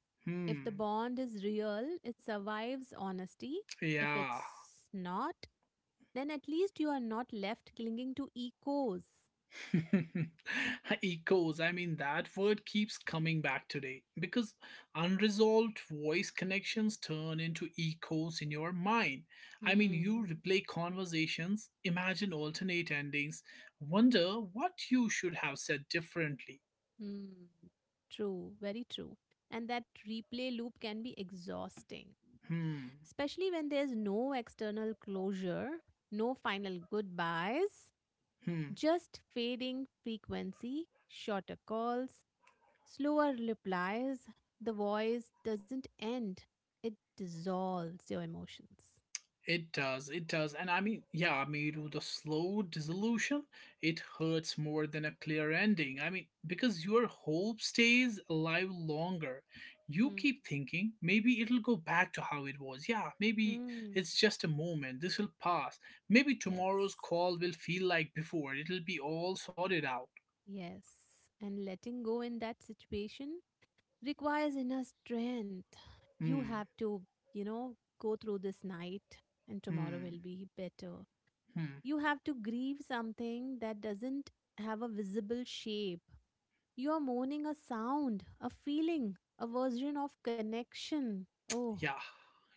Speaker 2: If the
Speaker 1: Hmm,
Speaker 2: bond is real, it survives honesty. If
Speaker 1: yeah.
Speaker 2: it's not, then at least you are not left clinging to echoes.
Speaker 1: Echoes. I mean, that word keeps coming back today because unresolved voice connections turn into echoes in your mind. I mean, you
Speaker 2: Hmm.
Speaker 1: replay conversations, imagine alternate endings, wonder what you should have said differently.
Speaker 2: Hmm. True, very true. And that replay loop can be exhausting,
Speaker 1: Hmm.
Speaker 2: especially when there's no external closure, no final goodbyes.
Speaker 1: Hmm.
Speaker 2: Just fading frequency, shorter calls, slower replies. The voice doesn't end, it dissolves your emotions.
Speaker 1: It does, it does. And I mean, yeah, Miru, the slow dissolution, it hurts more than a clear ending. I mean, because your hope stays alive longer. You
Speaker 2: Hmm.
Speaker 1: keep thinking, maybe it'll go back to how it was. Yeah, maybe
Speaker 2: Hmm.
Speaker 1: it's just a moment. This will pass. Maybe
Speaker 2: Yes.
Speaker 1: tomorrow's call will feel like before. It'll be all sorted out.
Speaker 2: Yes. And letting go in that situation requires inner strength. You
Speaker 1: Hmm,
Speaker 2: have to, you know, go through this night and tomorrow will
Speaker 1: hmm,
Speaker 2: be better.
Speaker 1: hmm.
Speaker 2: You have to grieve something that doesn't have a visible shape. You are mourning a sound, a feeling, a version of connection. Oh,
Speaker 1: Yeah,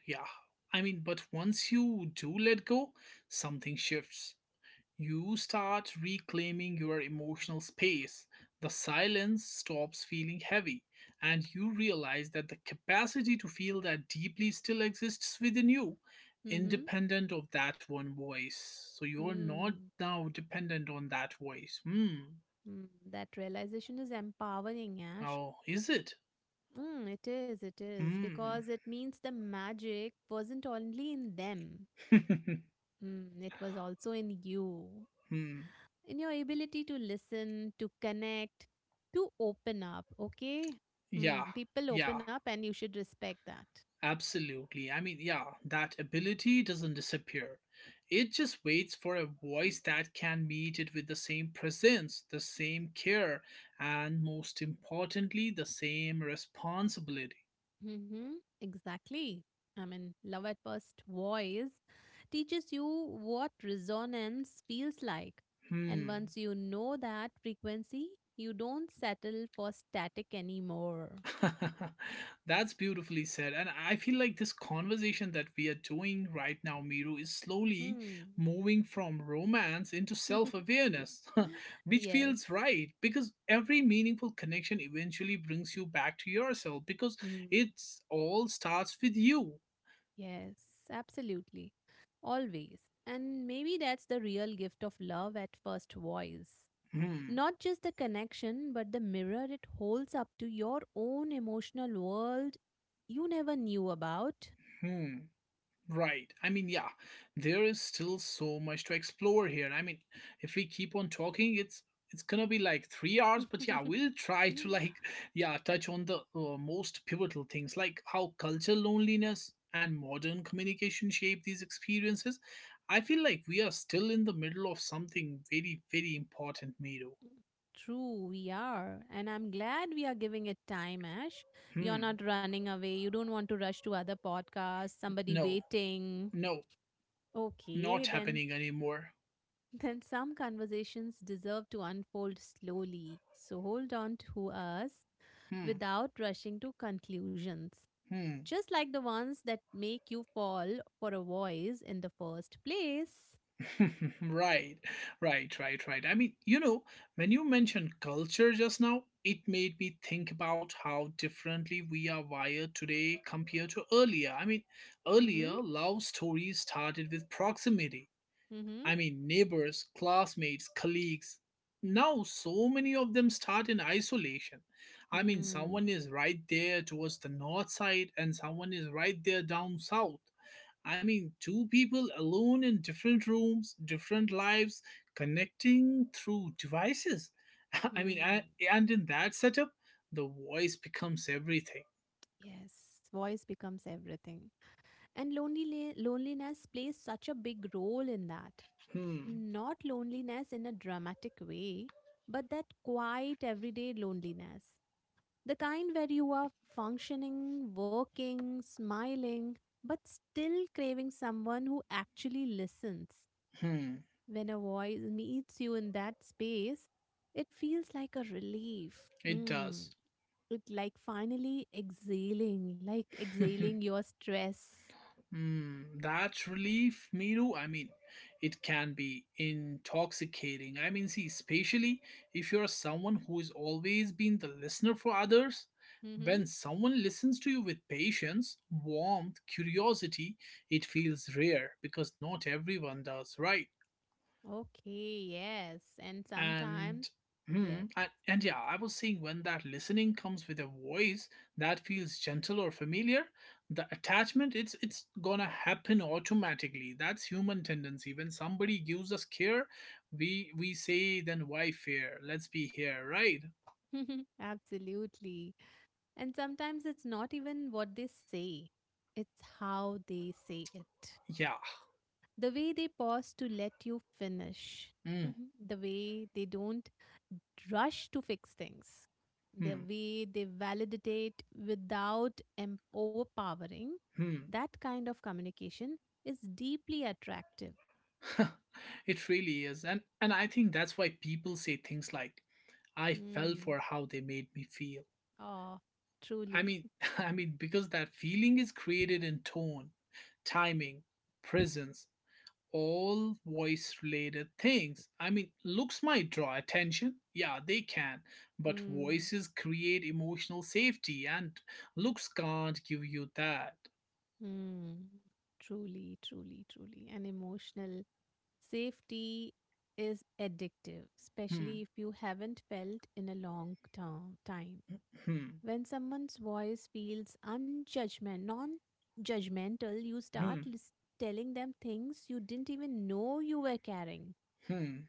Speaker 1: yeah. I mean, but once you do let go, something shifts. You start reclaiming your emotional space. The silence stops feeling heavy, and you realize that the capacity to feel that deeply still exists within you,
Speaker 2: mm-hmm.
Speaker 1: independent of that one voice. So you're not
Speaker 2: Mm,
Speaker 1: now dependent on that voice. Hmm.
Speaker 2: mm. That realization is empowering, Ash.
Speaker 1: Oh, is it?
Speaker 2: Mm, it is,
Speaker 1: Hmm.
Speaker 2: because it means the magic wasn't only in them, mm, it was also in you,
Speaker 1: hmm.
Speaker 2: in your ability to listen, to connect, to open up, okay? Hmm,
Speaker 1: Yeah.
Speaker 2: people
Speaker 1: Yeah.
Speaker 2: open up, and you should respect that.
Speaker 1: Absolutely. I mean, yeah, that ability doesn't disappear. It just waits for a voice that can meet it with the same presence, the same care, and most importantly, the same responsibility.
Speaker 2: Mm-hmm. Exactly. I mean, love at first voice teaches you what resonance feels like. And
Speaker 1: Hmm.
Speaker 2: once you know that frequency, you don't settle for static anymore.
Speaker 1: That's beautifully said. And I feel like this conversation that we are doing right now, Miru, is slowly
Speaker 2: Hmm.
Speaker 1: moving from romance into self awareness, which
Speaker 2: Yes.
Speaker 1: feels right because every meaningful connection eventually brings you back to yourself, because
Speaker 2: Hmm.
Speaker 1: it all starts with you.
Speaker 2: Yes, absolutely. Always. And maybe that's the real gift of love at first voice.
Speaker 1: Hmm.
Speaker 2: Not just the connection, but the mirror it holds up to your own emotional world you never knew about.
Speaker 1: Hmm. Right. I mean, yeah, there is still so much to explore here. I mean, if we keep on talking, it's gonna be like 3 hours. But yeah, we'll try to like yeah touch on the most pivotal things, like how cultural loneliness and modern communication shape these experiences. I feel like we are still in the middle of something very very important, Miro.
Speaker 2: True, we are. And I'm glad we are giving it time, Ash. You're
Speaker 1: Hmm.
Speaker 2: not running away. You don't want to rush to other podcasts, somebody
Speaker 1: No.
Speaker 2: waiting.
Speaker 1: No.
Speaker 2: Okay,
Speaker 1: Not
Speaker 2: then
Speaker 1: happening anymore.
Speaker 2: then some conversations deserve to unfold slowly. So hold on to us
Speaker 1: Hmm.
Speaker 2: without rushing to conclusions.
Speaker 1: Hmm.
Speaker 2: Just like the ones that make you fall for a voice in the first place.
Speaker 1: Right, right. I mean, you know, when you mentioned culture just now, it made me think about how differently we are wired today compared to earlier. I mean,
Speaker 2: Mm-hmm.
Speaker 1: earlier, love stories started with proximity.
Speaker 2: Mm-hmm.
Speaker 1: I mean, neighbors, classmates, colleagues. Now, so many of them start in isolation. I mean, someone
Speaker 2: Mm.
Speaker 1: is right there towards the north side, and someone is right there down south. I mean, two people alone in different rooms, different lives, connecting through devices. I mean,
Speaker 2: Mm.
Speaker 1: I, and in that setup, the voice becomes everything.
Speaker 2: Yes, voice becomes everything. And lonely loneliness plays such a big role in that.
Speaker 1: Hmm,
Speaker 2: Not loneliness in a dramatic way, but that quiet everyday loneliness. The kind where you are functioning, working, smiling, but still craving someone who actually listens.
Speaker 1: hmm,
Speaker 2: When a voice meets you in that space, it feels like a relief.
Speaker 1: it
Speaker 2: Hmm.
Speaker 1: does.
Speaker 2: It like finally exhaling, like exhaling your stress.
Speaker 1: Mm, that relief, Miru, I mean, it can be intoxicating. I mean, see, especially if you're someone who has always been the listener for others.
Speaker 2: Mm-hmm.
Speaker 1: When someone listens to you with patience, warmth, curiosity, it feels rare because not everyone does, right?
Speaker 2: Okay, yes. And sometimes,
Speaker 1: And hmm,
Speaker 2: yes,
Speaker 1: and yeah, I was saying, when that listening comes with a voice that feels gentle or familiar, the attachment, it's gonna happen automatically. That's human tendency. When somebody gives us care, we say, then why fear, let's be here, right?
Speaker 2: absolutely. And sometimes it's not even what they say, it's how they say it.
Speaker 1: Yeah.
Speaker 2: The way they pause to let you finish,
Speaker 1: Mm,
Speaker 2: the way they don't rush to fix things, the
Speaker 1: hmm,
Speaker 2: way they validate without overpowering,
Speaker 1: hmm.
Speaker 2: that kind of communication is deeply attractive.
Speaker 1: It really is. And I think that's why people say things like, I fell
Speaker 2: Hmm.
Speaker 1: for how they made me feel.
Speaker 2: Oh,
Speaker 1: I
Speaker 2: truly.
Speaker 1: mean, I mean, because that feeling is created in tone, timing, presence, all voice related things. I mean, looks might draw attention. Yeah, they can. But
Speaker 2: Hmm.
Speaker 1: voices create emotional safety, and looks can't give you that.
Speaker 2: Hmm. Truly, truly, truly. And emotional safety is addictive, especially
Speaker 1: Hmm,
Speaker 2: if you haven't felt in a long term time.
Speaker 1: hmm,
Speaker 2: When someone's voice feels unjudgment, non-judgmental, you start
Speaker 1: hmm,
Speaker 2: telling them things you didn't even know you were carrying,
Speaker 1: hmm.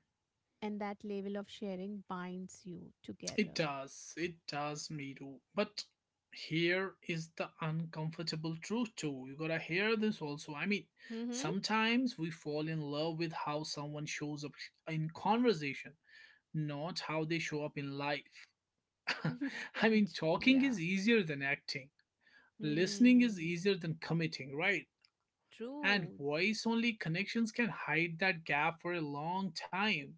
Speaker 2: and that level of sharing binds you together.
Speaker 1: It does, Miru. But here is the uncomfortable truth, too. You gotta hear this also. I mean,
Speaker 2: Hmm.
Speaker 1: sometimes we fall in love with how someone shows up in conversation, not how they show up in life. I mean, talking
Speaker 2: Yeah.
Speaker 1: is easier than acting, listening is
Speaker 2: Hmm.
Speaker 1: easier than committing, right? And
Speaker 2: True.
Speaker 1: voice only connections can hide that gap for a long time.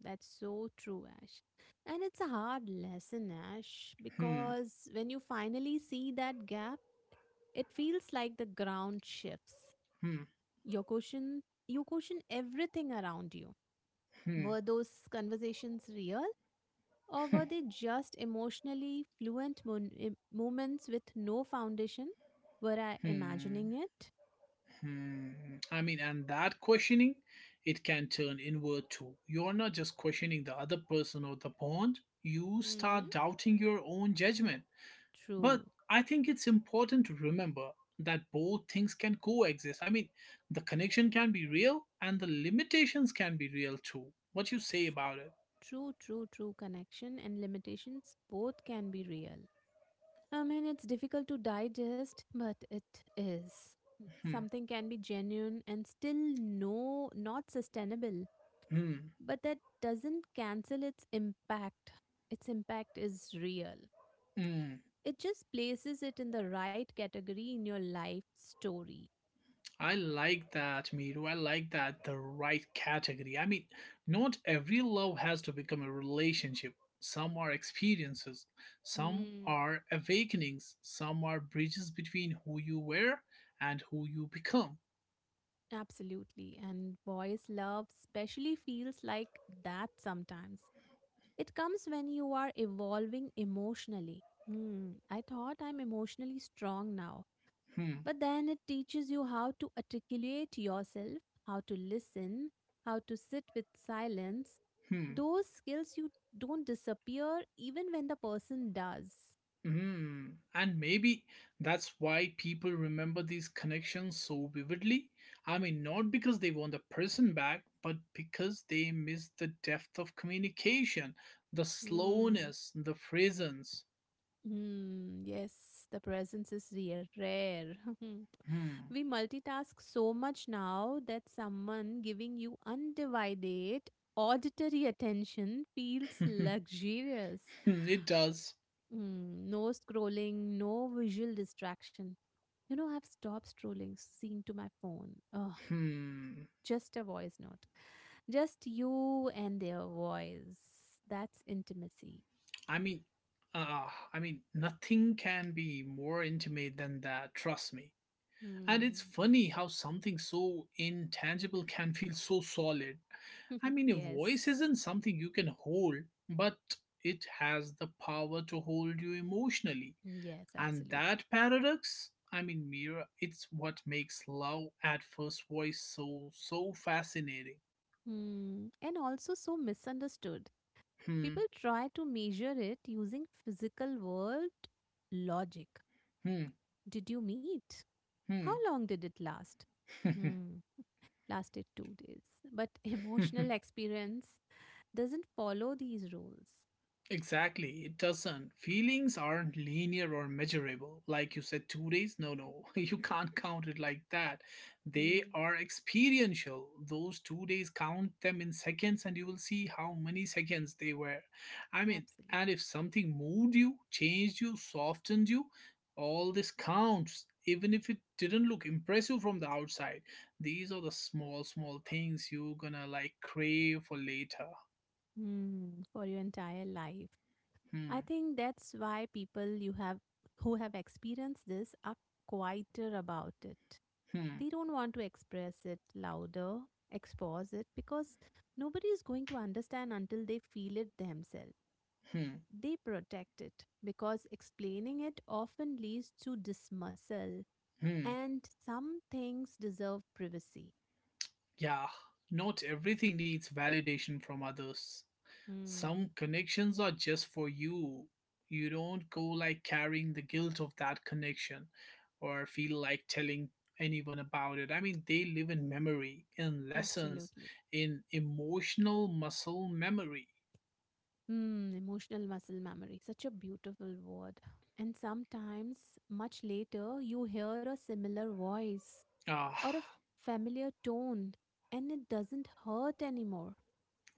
Speaker 2: That's so true, Ash. And it's a hard lesson, Ash,
Speaker 1: Hmm,
Speaker 2: because when you finally see that gap, it feels like the ground shifts.
Speaker 1: hmm,
Speaker 2: Your question, you question everything around you.
Speaker 1: hmm,
Speaker 2: Were those conversations real, or were they just emotionally fluent moments with no foundation? Were I imagining
Speaker 1: hmm.
Speaker 2: it?
Speaker 1: Hmm. I mean, and that questioning, it can turn inward too. You're not just questioning the other person or the bond, you
Speaker 2: Hmm.
Speaker 1: start doubting your own judgment. But
Speaker 2: True.
Speaker 1: I think it's important to remember that both things can coexist. I mean, the connection can be real and the limitations can be real too. What you
Speaker 2: Tr-
Speaker 1: say about it?
Speaker 2: True, true, true connection and limitations both can be real. I mean, it's difficult to digest, but it is.
Speaker 1: Hmm.
Speaker 2: Something can be genuine and still no, not sustainable,
Speaker 1: Hmm.
Speaker 2: but that doesn't cancel its impact. Its impact is real.
Speaker 1: Hmm.
Speaker 2: It just places it in the right category in your life story.
Speaker 1: I like that, Miru. I like that. The right category. I mean, not every love has to become a relationship. Some are experiences, some
Speaker 2: Hmm,
Speaker 1: are awakenings, some are bridges between who you were and who you become.
Speaker 2: absolutely. And boys' love especially feels like that sometimes. It comes when you are evolving emotionally. Hmm, I thought I'm emotionally strong now.
Speaker 1: Hmm,
Speaker 2: But then it teaches you how to articulate yourself, how to listen, how to sit with silence.
Speaker 1: hmm.
Speaker 2: Those skills you don't disappear even when the person does.
Speaker 1: Hmm, and maybe that's why people remember these connections so vividly. I mean, not because they want the person back, but because they miss the depth of communication, the
Speaker 2: Hmm.
Speaker 1: slowness, the presence.
Speaker 2: Hmm. Yes, the presence is rare.
Speaker 1: Hmm.
Speaker 2: We multitask so much now that someone giving you undivided auditory attention feels luxurious.
Speaker 1: It does.
Speaker 2: Mm, no scrolling, no visual distraction. You know, I've stopped scrolling, seeing to my phone. Oh,
Speaker 1: Hmm.
Speaker 2: just a voice note. Just you and their voice. That's intimacy.
Speaker 1: I mean, uh, I mean, nothing can be more intimate than that, trust me. And it's
Speaker 2: Hmm.
Speaker 1: funny how something so intangible can feel so solid. I mean, a voice
Speaker 2: Yes.
Speaker 1: isn't something you can hold, but it has the power to hold you emotionally.
Speaker 2: Yes,
Speaker 1: And
Speaker 2: absolutely.
Speaker 1: that paradox, I mean, Mira, it's what makes love at first voice so, so fascinating.
Speaker 2: Hmm. And also so misunderstood.
Speaker 1: Hmm,
Speaker 2: People try to measure it using physical world logic.
Speaker 1: hmm,
Speaker 2: Did you meet? How long did it last?
Speaker 1: hmm.
Speaker 2: Hmm. Lasted 2 days. But emotional experience doesn't follow these rules.
Speaker 1: Exactly, it doesn't. Feelings aren't linear or measurable. Like you said, 2 days? No, no, you can't count it like that. They
Speaker 2: Hmm.
Speaker 1: are experiential. Those 2 days, count them in seconds and you will see how many seconds they were. I mean,
Speaker 2: Absolutely.
Speaker 1: and if something moved you, changed you, softened you, all this counts. Even if it didn't look impressive from the outside, these are the small, small things you're gonna like crave for later.
Speaker 2: Hmm. For your entire life. I
Speaker 1: Hmm,
Speaker 2: think that's why people you have who have experienced this are quieter about it.
Speaker 1: hmm,
Speaker 2: They don't want to express it louder, expose it because nobody is going to understand until they feel it themselves.
Speaker 1: hmm,
Speaker 2: They protect it because explaining it often leads to dismissal
Speaker 1: hmm.
Speaker 2: and some things deserve privacy.
Speaker 1: Yeah, not everything needs validation from others.
Speaker 2: Hmm,
Speaker 1: Some connections are just for you. You don't go like carrying the guilt of that connection or feel like telling anyone about it. I mean, they live in memory, in lessons,
Speaker 2: absolutely.
Speaker 1: in emotional muscle memory.
Speaker 2: Mm, emotional muscle memory, such a beautiful word. And sometimes, much later, you hear a similar voice
Speaker 1: Ah,
Speaker 2: or a familiar tone, and it doesn't hurt anymore.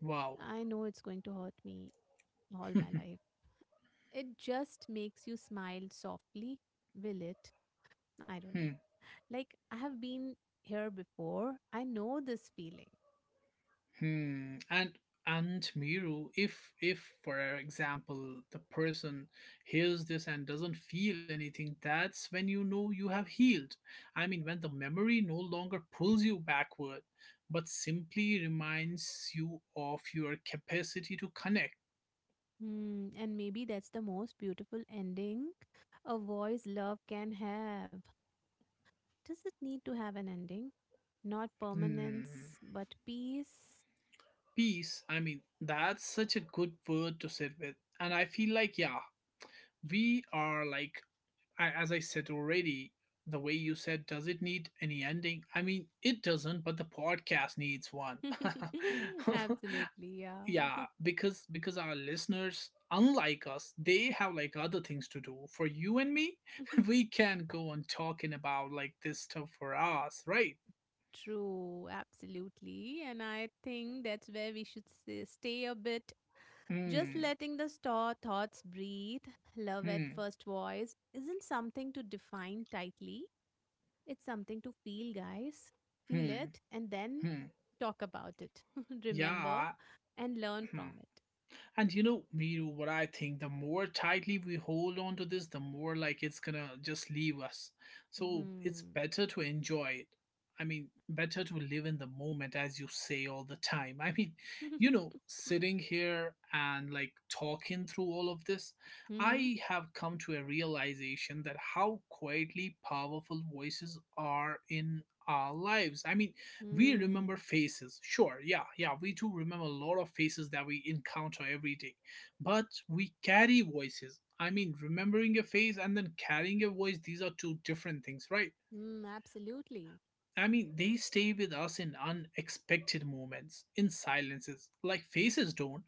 Speaker 1: wow.
Speaker 2: I know it's going to hurt me all my life. It just makes you smile softly. Will it? I don't know. Like, I have been here before, I know this feeling.
Speaker 1: Hmm. And Miru, if for example the person hears this and doesn't feel anything, that's when you know you have healed. I mean, when the memory no longer pulls you backward, but simply reminds you of your capacity to connect.
Speaker 2: Hmm, and maybe that's the most beautiful ending a voice love can have. Does it need to have an ending? Not
Speaker 1: Hmm.
Speaker 2: permanence, but peace?
Speaker 1: Peace. I mean, that's such a good word to sit with, and I feel like, yeah, we are like, I, as I said already, the way you said, does it need any ending? I mean, it doesn't, but the podcast needs one.
Speaker 2: Absolutely, yeah.
Speaker 1: Yeah, because our listeners, unlike us, they have like other things to do. For you and me, we can go on talking about like this stuff for us, right?
Speaker 2: True, absolutely. And I think that's where we should stay a bit. Just
Speaker 1: Hmm,
Speaker 2: letting the store thoughts breathe, love at
Speaker 1: hmm,
Speaker 2: first voice, isn't something to define tightly. It's something to feel, guys. Feel
Speaker 1: hmm,
Speaker 2: it and then
Speaker 1: hmm.
Speaker 2: talk about it. Remember
Speaker 1: Yeah,
Speaker 2: and learn
Speaker 1: hmm.
Speaker 2: from it.
Speaker 1: And you know, Miru, what I think, the more tightly we hold on to this, the more like it's gonna just leave us. So it's better to enjoy it. I mean, better to live in the moment, as you say all the time. I mean,
Speaker 2: Hmm.
Speaker 1: you know, sitting here and like talking through all of this,
Speaker 2: Mm-hmm.
Speaker 1: I have come to a realization that how quietly powerful voices are in our lives. I mean, we remember
Speaker 2: Mm.
Speaker 1: faces, sure, yeah, yeah, we do remember a lot of faces that we encounter every day, but we carry voices. I mean, remembering a face and then carrying a voice, these are two different things, right?
Speaker 2: Mm, absolutely.
Speaker 1: I mean, they stay with us in unexpected moments, in silences, like faces don't.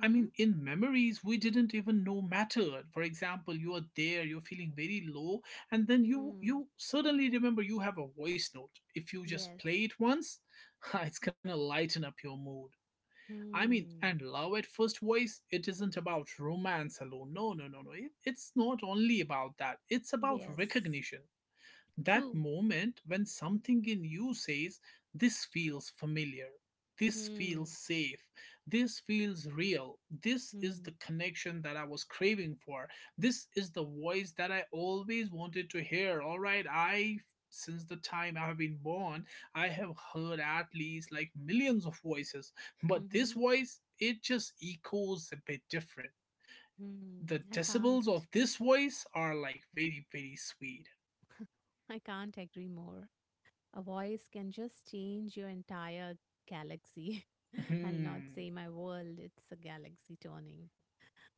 Speaker 1: I mean, in memories we didn't even know mattered. For example, you are there, you're feeling very low, and then you
Speaker 2: Mm.
Speaker 1: you suddenly remember you have a voice note. If you just
Speaker 2: Yes.
Speaker 1: play it once, it's gonna lighten up your mood. I mean, and
Speaker 2: Mm.
Speaker 1: love at first voice, it isn't about romance alone. No, no, no, no. It's not only about that. It's about
Speaker 2: Yes.
Speaker 1: recognition, that
Speaker 2: True.
Speaker 1: moment when something in you says, this feels familiar, this feels
Speaker 2: Mm.
Speaker 1: safe, this feels real, this is
Speaker 2: Mm.
Speaker 1: the connection that I was craving for, this is the voice that I always wanted to hear. All right, I, since the time I have been born, I have heard at least like millions of voices, but this
Speaker 2: Mm-hmm.
Speaker 1: voice, it just echoes a bit different.
Speaker 2: Mm.
Speaker 1: The decibels of this voice are like very, very sweet.
Speaker 2: I can't agree more. A voice can just change your entire galaxy. I'll not
Speaker 1: Hmm.
Speaker 2: say my world, it's a galaxy turning.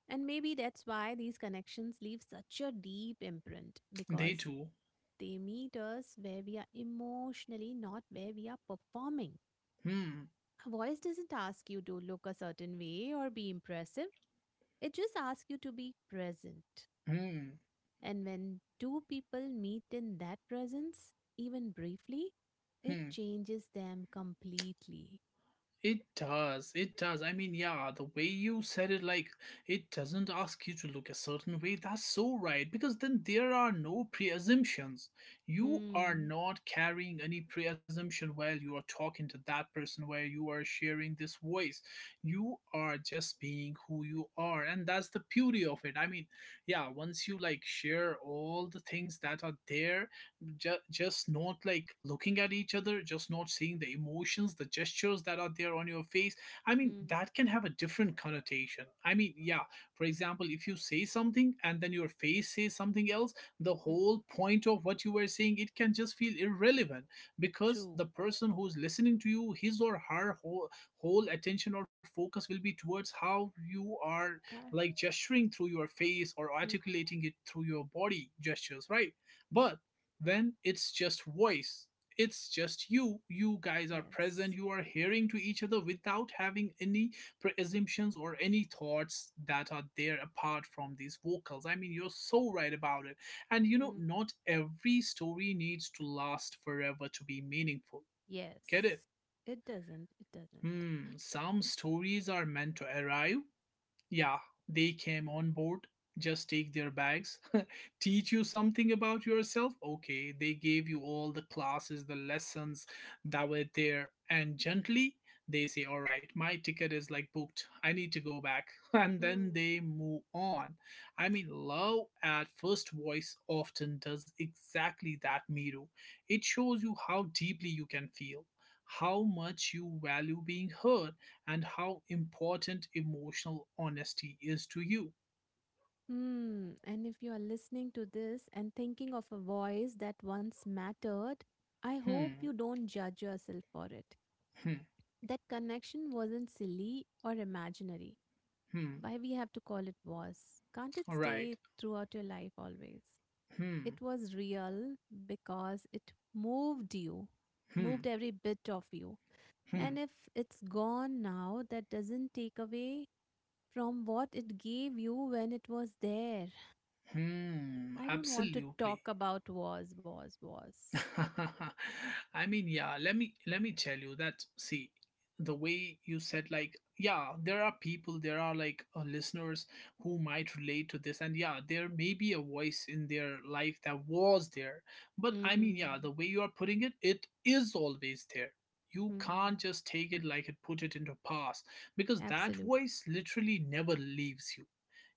Speaker 2: And maybe that's why these connections leave such a deep imprint
Speaker 1: They
Speaker 2: because
Speaker 1: do.
Speaker 2: they meet us where we are emotionally, not where we are performing.
Speaker 1: Hmm.
Speaker 2: A voice doesn't ask you to look a certain way or be impressive, it just asks you to be present.
Speaker 1: Hmm.
Speaker 2: And when two people meet in that presence, even briefly, it
Speaker 1: Hmm.
Speaker 2: changes them completely.
Speaker 1: It does. It does. I mean, yeah, the way you said it, like, it doesn't ask you to look a certain way. That's so right. Because then there are no pre assumptions. You are
Speaker 2: Hmm.
Speaker 1: not carrying any pre assumption while you are talking to that person, while you are sharing this voice. You are just being who you are. And that's the beauty of it. I mean, yeah, once you, like, share all the things that are there just not like looking at each other, just not seeing the emotions, the gestures that are there on your face. I mean
Speaker 2: Hmm.
Speaker 1: that can have a different connotation, I mean, yeah. For example, if you say something and then your face says something else, the
Speaker 2: Hmm,
Speaker 1: whole point of what you were saying, it can just feel irrelevant, because
Speaker 2: true.
Speaker 1: the person who's listening to you, his or her whole attention or focus will be towards how you are
Speaker 2: Uh,
Speaker 1: like gesturing through your face or
Speaker 2: hmm,
Speaker 1: articulating it through your body gestures, right?
Speaker 2: hmm.
Speaker 1: But when it's just voice, it's just you, you guys are present,
Speaker 2: Yes.
Speaker 1: you are hearing to each other without having any preassumptions or any thoughts that are there apart from these vocals. I mean, you're so right about it. And
Speaker 2: Hmm.
Speaker 1: not every story needs to last forever to be meaningful.
Speaker 2: Yes.
Speaker 1: Get it?
Speaker 2: It doesn't. It doesn't.
Speaker 1: Hmm, some stories are meant to arrive, yeah, they came on board, just take their bags, teach you something about yourself. Okay, they gave you all the classes, the lessons that were there, and gently they say, "All right, my ticket is like booked, I need to go back." And then
Speaker 2: Mm.
Speaker 1: they move on. I mean, love at first voice often does exactly that, Miru. It shows you how deeply you can feel. How much you value being heard and how important emotional honesty is to you.
Speaker 2: Hmm. And if you are listening to this and thinking of a voice that once mattered, I hope
Speaker 1: Hmm,
Speaker 2: you don't judge yourself for it.
Speaker 1: hmm,
Speaker 2: That connection wasn't silly or imaginary.
Speaker 1: hmm.
Speaker 2: Why we have to call it was? Can't it
Speaker 1: All right.
Speaker 2: stay throughout your life always?
Speaker 1: Hmm,
Speaker 2: It was real because it moved you, moved
Speaker 1: hmm,
Speaker 2: every bit of you. And
Speaker 1: hmm,
Speaker 2: if it's gone now, that doesn't take away from what it gave you when it was there.
Speaker 1: hmm.
Speaker 2: I don't want to
Speaker 1: Absolutely.
Speaker 2: talk about was, was.
Speaker 1: I mean, yeah, let me tell you that, see, the way you said, like, yeah, there are people, there are like listeners who might relate to this, and yeah, there may be a voice in their life that was there. But I mean, yeah,
Speaker 2: Hmm.
Speaker 1: the way you are putting it, it is always there. You
Speaker 2: Hmm.
Speaker 1: can't just take it like, it put it into past, because that
Speaker 2: Absolutely.
Speaker 1: voice literally never leaves you.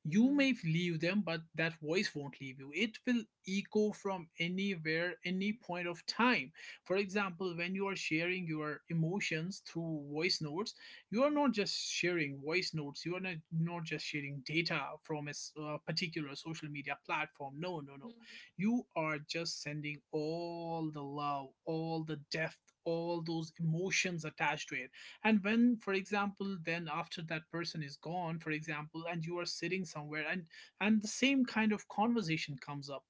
Speaker 1: You
Speaker 2: Hmm.
Speaker 1: may leave them, but that voice won't leave you. It will echo from anywhere, any point of time. For example, when you are sharing your emotions through voice notes, you are
Speaker 2: Mhm.
Speaker 1: not just sharing voice notes, you are not, not just sharing data from a particular social media platform. No, no, no.
Speaker 2: Mhm.
Speaker 1: You are just sending all the love, all the depth, all those emotions attached to it. And when, for example, then after that person is gone, for example, and you are sitting somewhere and the same kind of conversation comes up,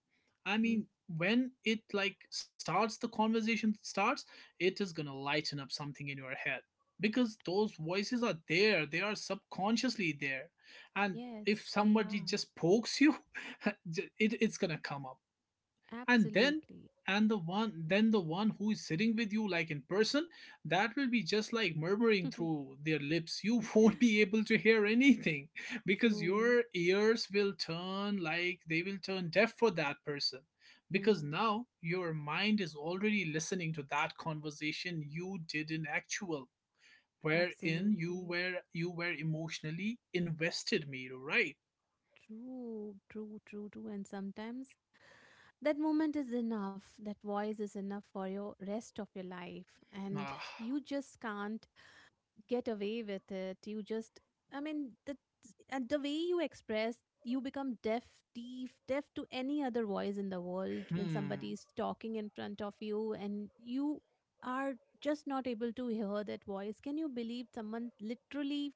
Speaker 1: I
Speaker 2: Hmm.
Speaker 1: mean, when it like starts, the conversation starts, it is going to lighten up something in your head, because those voices are there, they are subconsciously there. And if
Speaker 2: Yes, they
Speaker 1: somebody
Speaker 2: are.
Speaker 1: just pokes you it's going to come up. And then
Speaker 2: Absolutely.
Speaker 1: and the one then the one who is sitting with you, like, in person, that will be just like murmuring through their lips, you won't
Speaker 2: Eh,
Speaker 1: be able to hear anything, because
Speaker 2: true.
Speaker 1: your ears will turn, like, they will turn deaf for that person,
Speaker 2: Hmm.
Speaker 1: because now your mind is already listening to that conversation you did in actual, wherein you
Speaker 2: Absolutely.
Speaker 1: were you were emotionally invested, Miro, right?
Speaker 2: True, true, true, true. And sometimes that moment is enough. That voice is enough for your rest of your life. And
Speaker 1: Ah,
Speaker 2: you just can't get away with it. You just, I mean, the and the way you express, you become deaf, deaf, deaf to any other voice in the world when somebody
Speaker 1: hmm.
Speaker 2: is talking in front of you, and you are just not able to hear that voice. Can you believe someone literally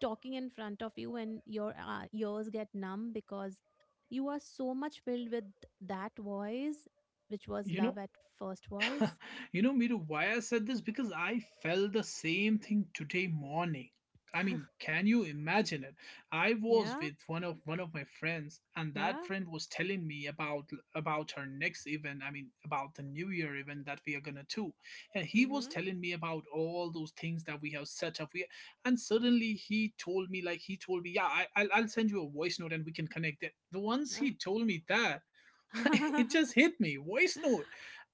Speaker 2: talking in front of you and your ears get numb because you are so much filled with that voice which was
Speaker 1: You know,
Speaker 2: love at first voice?
Speaker 1: you know, Miru, why I said this? Because I felt the same thing today morning. I mean, can you imagine it? I was
Speaker 2: Yeah,
Speaker 1: with one of my friends, and
Speaker 2: yeah,
Speaker 1: that friend was telling me about her next event. I mean, about the New Year event that we are gonna do, and he was telling me about all those things that we have set up. We, and suddenly he told me, like he told me, yeah, I'll send you a voice note and we can connect it. The once he
Speaker 2: mm-hmm.
Speaker 1: told me that, it just hit me. Voice note.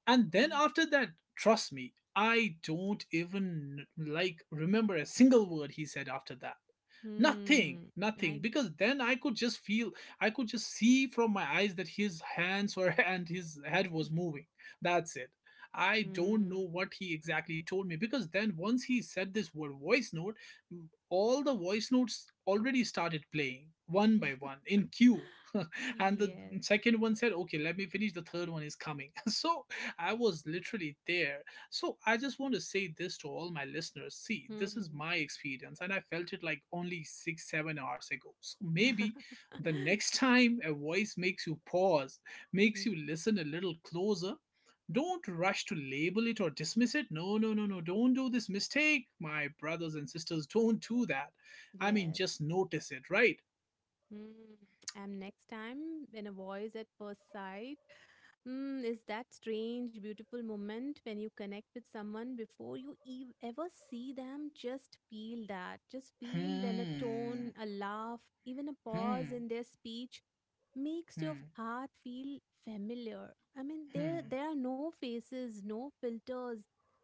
Speaker 1: And then after that, trust me, I don't even like remember a single word he said after that. Nothing,
Speaker 2: Hmm.
Speaker 1: nothing,
Speaker 2: I.
Speaker 1: because then I could just feel, I could just see from my eyes that his hands were and his head was moving, that's it. I don't
Speaker 2: Hmm.
Speaker 1: know what he exactly told me, because then once he said this word, voice note, all the voice notes already started playing one by one in queue. And the
Speaker 2: Yes.
Speaker 1: second one said, "Okay, let me finish, the third one is coming." So I was literally there. So I just want to say this to all my listeners. See, this is
Speaker 2: Hmm.
Speaker 1: my experience, and I felt it like only six, seven hours ago. So maybe the next time a voice makes you pause, makes
Speaker 2: Hmm.
Speaker 1: you listen a little closer, don't rush to label it or dismiss it. No, no, no, no. Don't do this mistake, my brothers and sisters. Don't do that. I mean,
Speaker 2: Yes.
Speaker 1: just notice it, right?
Speaker 2: Hmm. And next time, when a voice at first sight, mm, is that strange, beautiful moment when you connect with someone before you ever see them? Just feel that. Just feel when a
Speaker 1: Hmm,
Speaker 2: tone, a laugh, even a pause
Speaker 1: hmm,
Speaker 2: in their speech makes your
Speaker 1: hmm,
Speaker 2: heart feel familiar. I mean, there
Speaker 1: hmm.
Speaker 2: there are no faces, no filters,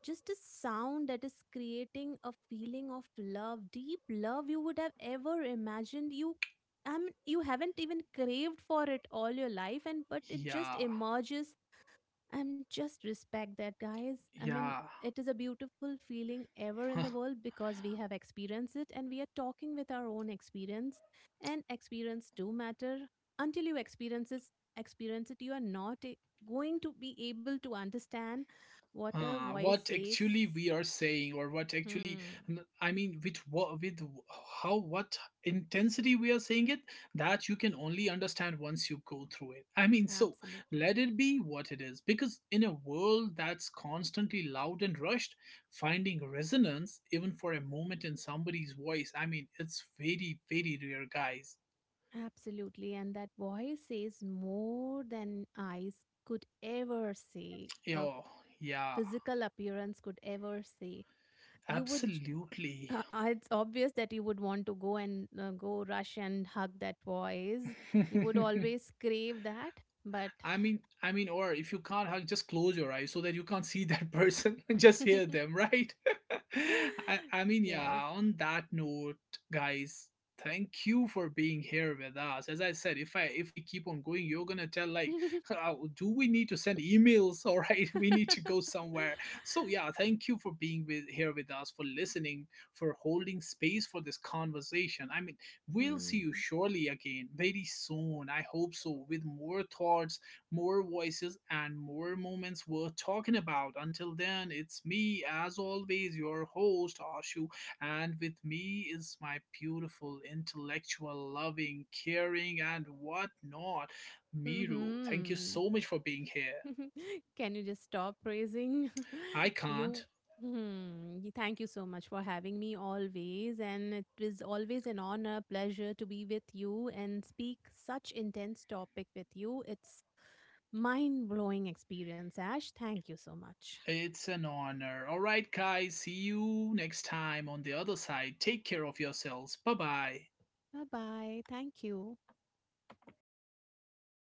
Speaker 2: just a sound that is creating a feeling of love, deep love you would have ever imagined you. I mean, you haven't even craved for it all your life, and but it just
Speaker 1: Yeah,
Speaker 2: emerges. And just respect that, guys. I mean,
Speaker 1: yeah.
Speaker 2: it is a beautiful feeling ever in the world because we have experienced it and we are talking with our own experience, and experience do matter. Until you experience it, experience it, you are not going to be able to understand what a voice
Speaker 1: What
Speaker 2: says.
Speaker 1: actually we are saying, or what actually,
Speaker 2: Hmm,
Speaker 1: I mean, with what, how, what intensity we are saying it, that you can only understand once you go through it. I mean, so
Speaker 2: absolutely.
Speaker 1: let it be what it is, because in a world that's constantly loud and rushed, finding resonance even for a moment in somebody's voice, I mean, it's very, very rare, guys.
Speaker 2: Absolutely. And that voice says more than eyes could ever say, a
Speaker 1: Yo, yeah,
Speaker 2: physical appearance could ever say. You would,
Speaker 1: absolutely.
Speaker 2: it's obvious that you would want to go and go rush and hug that voice. You would always crave that. But
Speaker 1: Or if you can't hug, just close your eyes so that you can't see that person, and just hear them, right? I mean,
Speaker 2: yes.
Speaker 1: yeah. On that note, guys, thank you for being here with us. As I said, if we keep on going, you're gonna tell like, "How- do we need to send emails? All right, we need to go somewhere." So yeah, thank you for being with here with us, for listening, for holding space for this conversation. I mean, we'll see you
Speaker 2: Hmm.
Speaker 1: surely again very soon. I hope so, with more thoughts, more voices and more moments worth talking about. Until then, it's me, as always, your host, Ashu, and with me is my beautiful, intellectual, loving, caring, and whatnot, Miru. Thank you
Speaker 2: Mm-hmm.
Speaker 1: so much for being here.
Speaker 2: Can you just stop praising
Speaker 1: I
Speaker 2: you?
Speaker 1: can't.
Speaker 2: Hmm. Thank you so much for having me always. And it is always an honor, pleasure to be with you and speak such intense topic with you. It's mind blowing experience, Ash. Thank you so much.
Speaker 1: It's an honor. All right, guys, see you next time on the other side. Take care of yourselves. Bye bye.
Speaker 2: Bye bye. Thank you.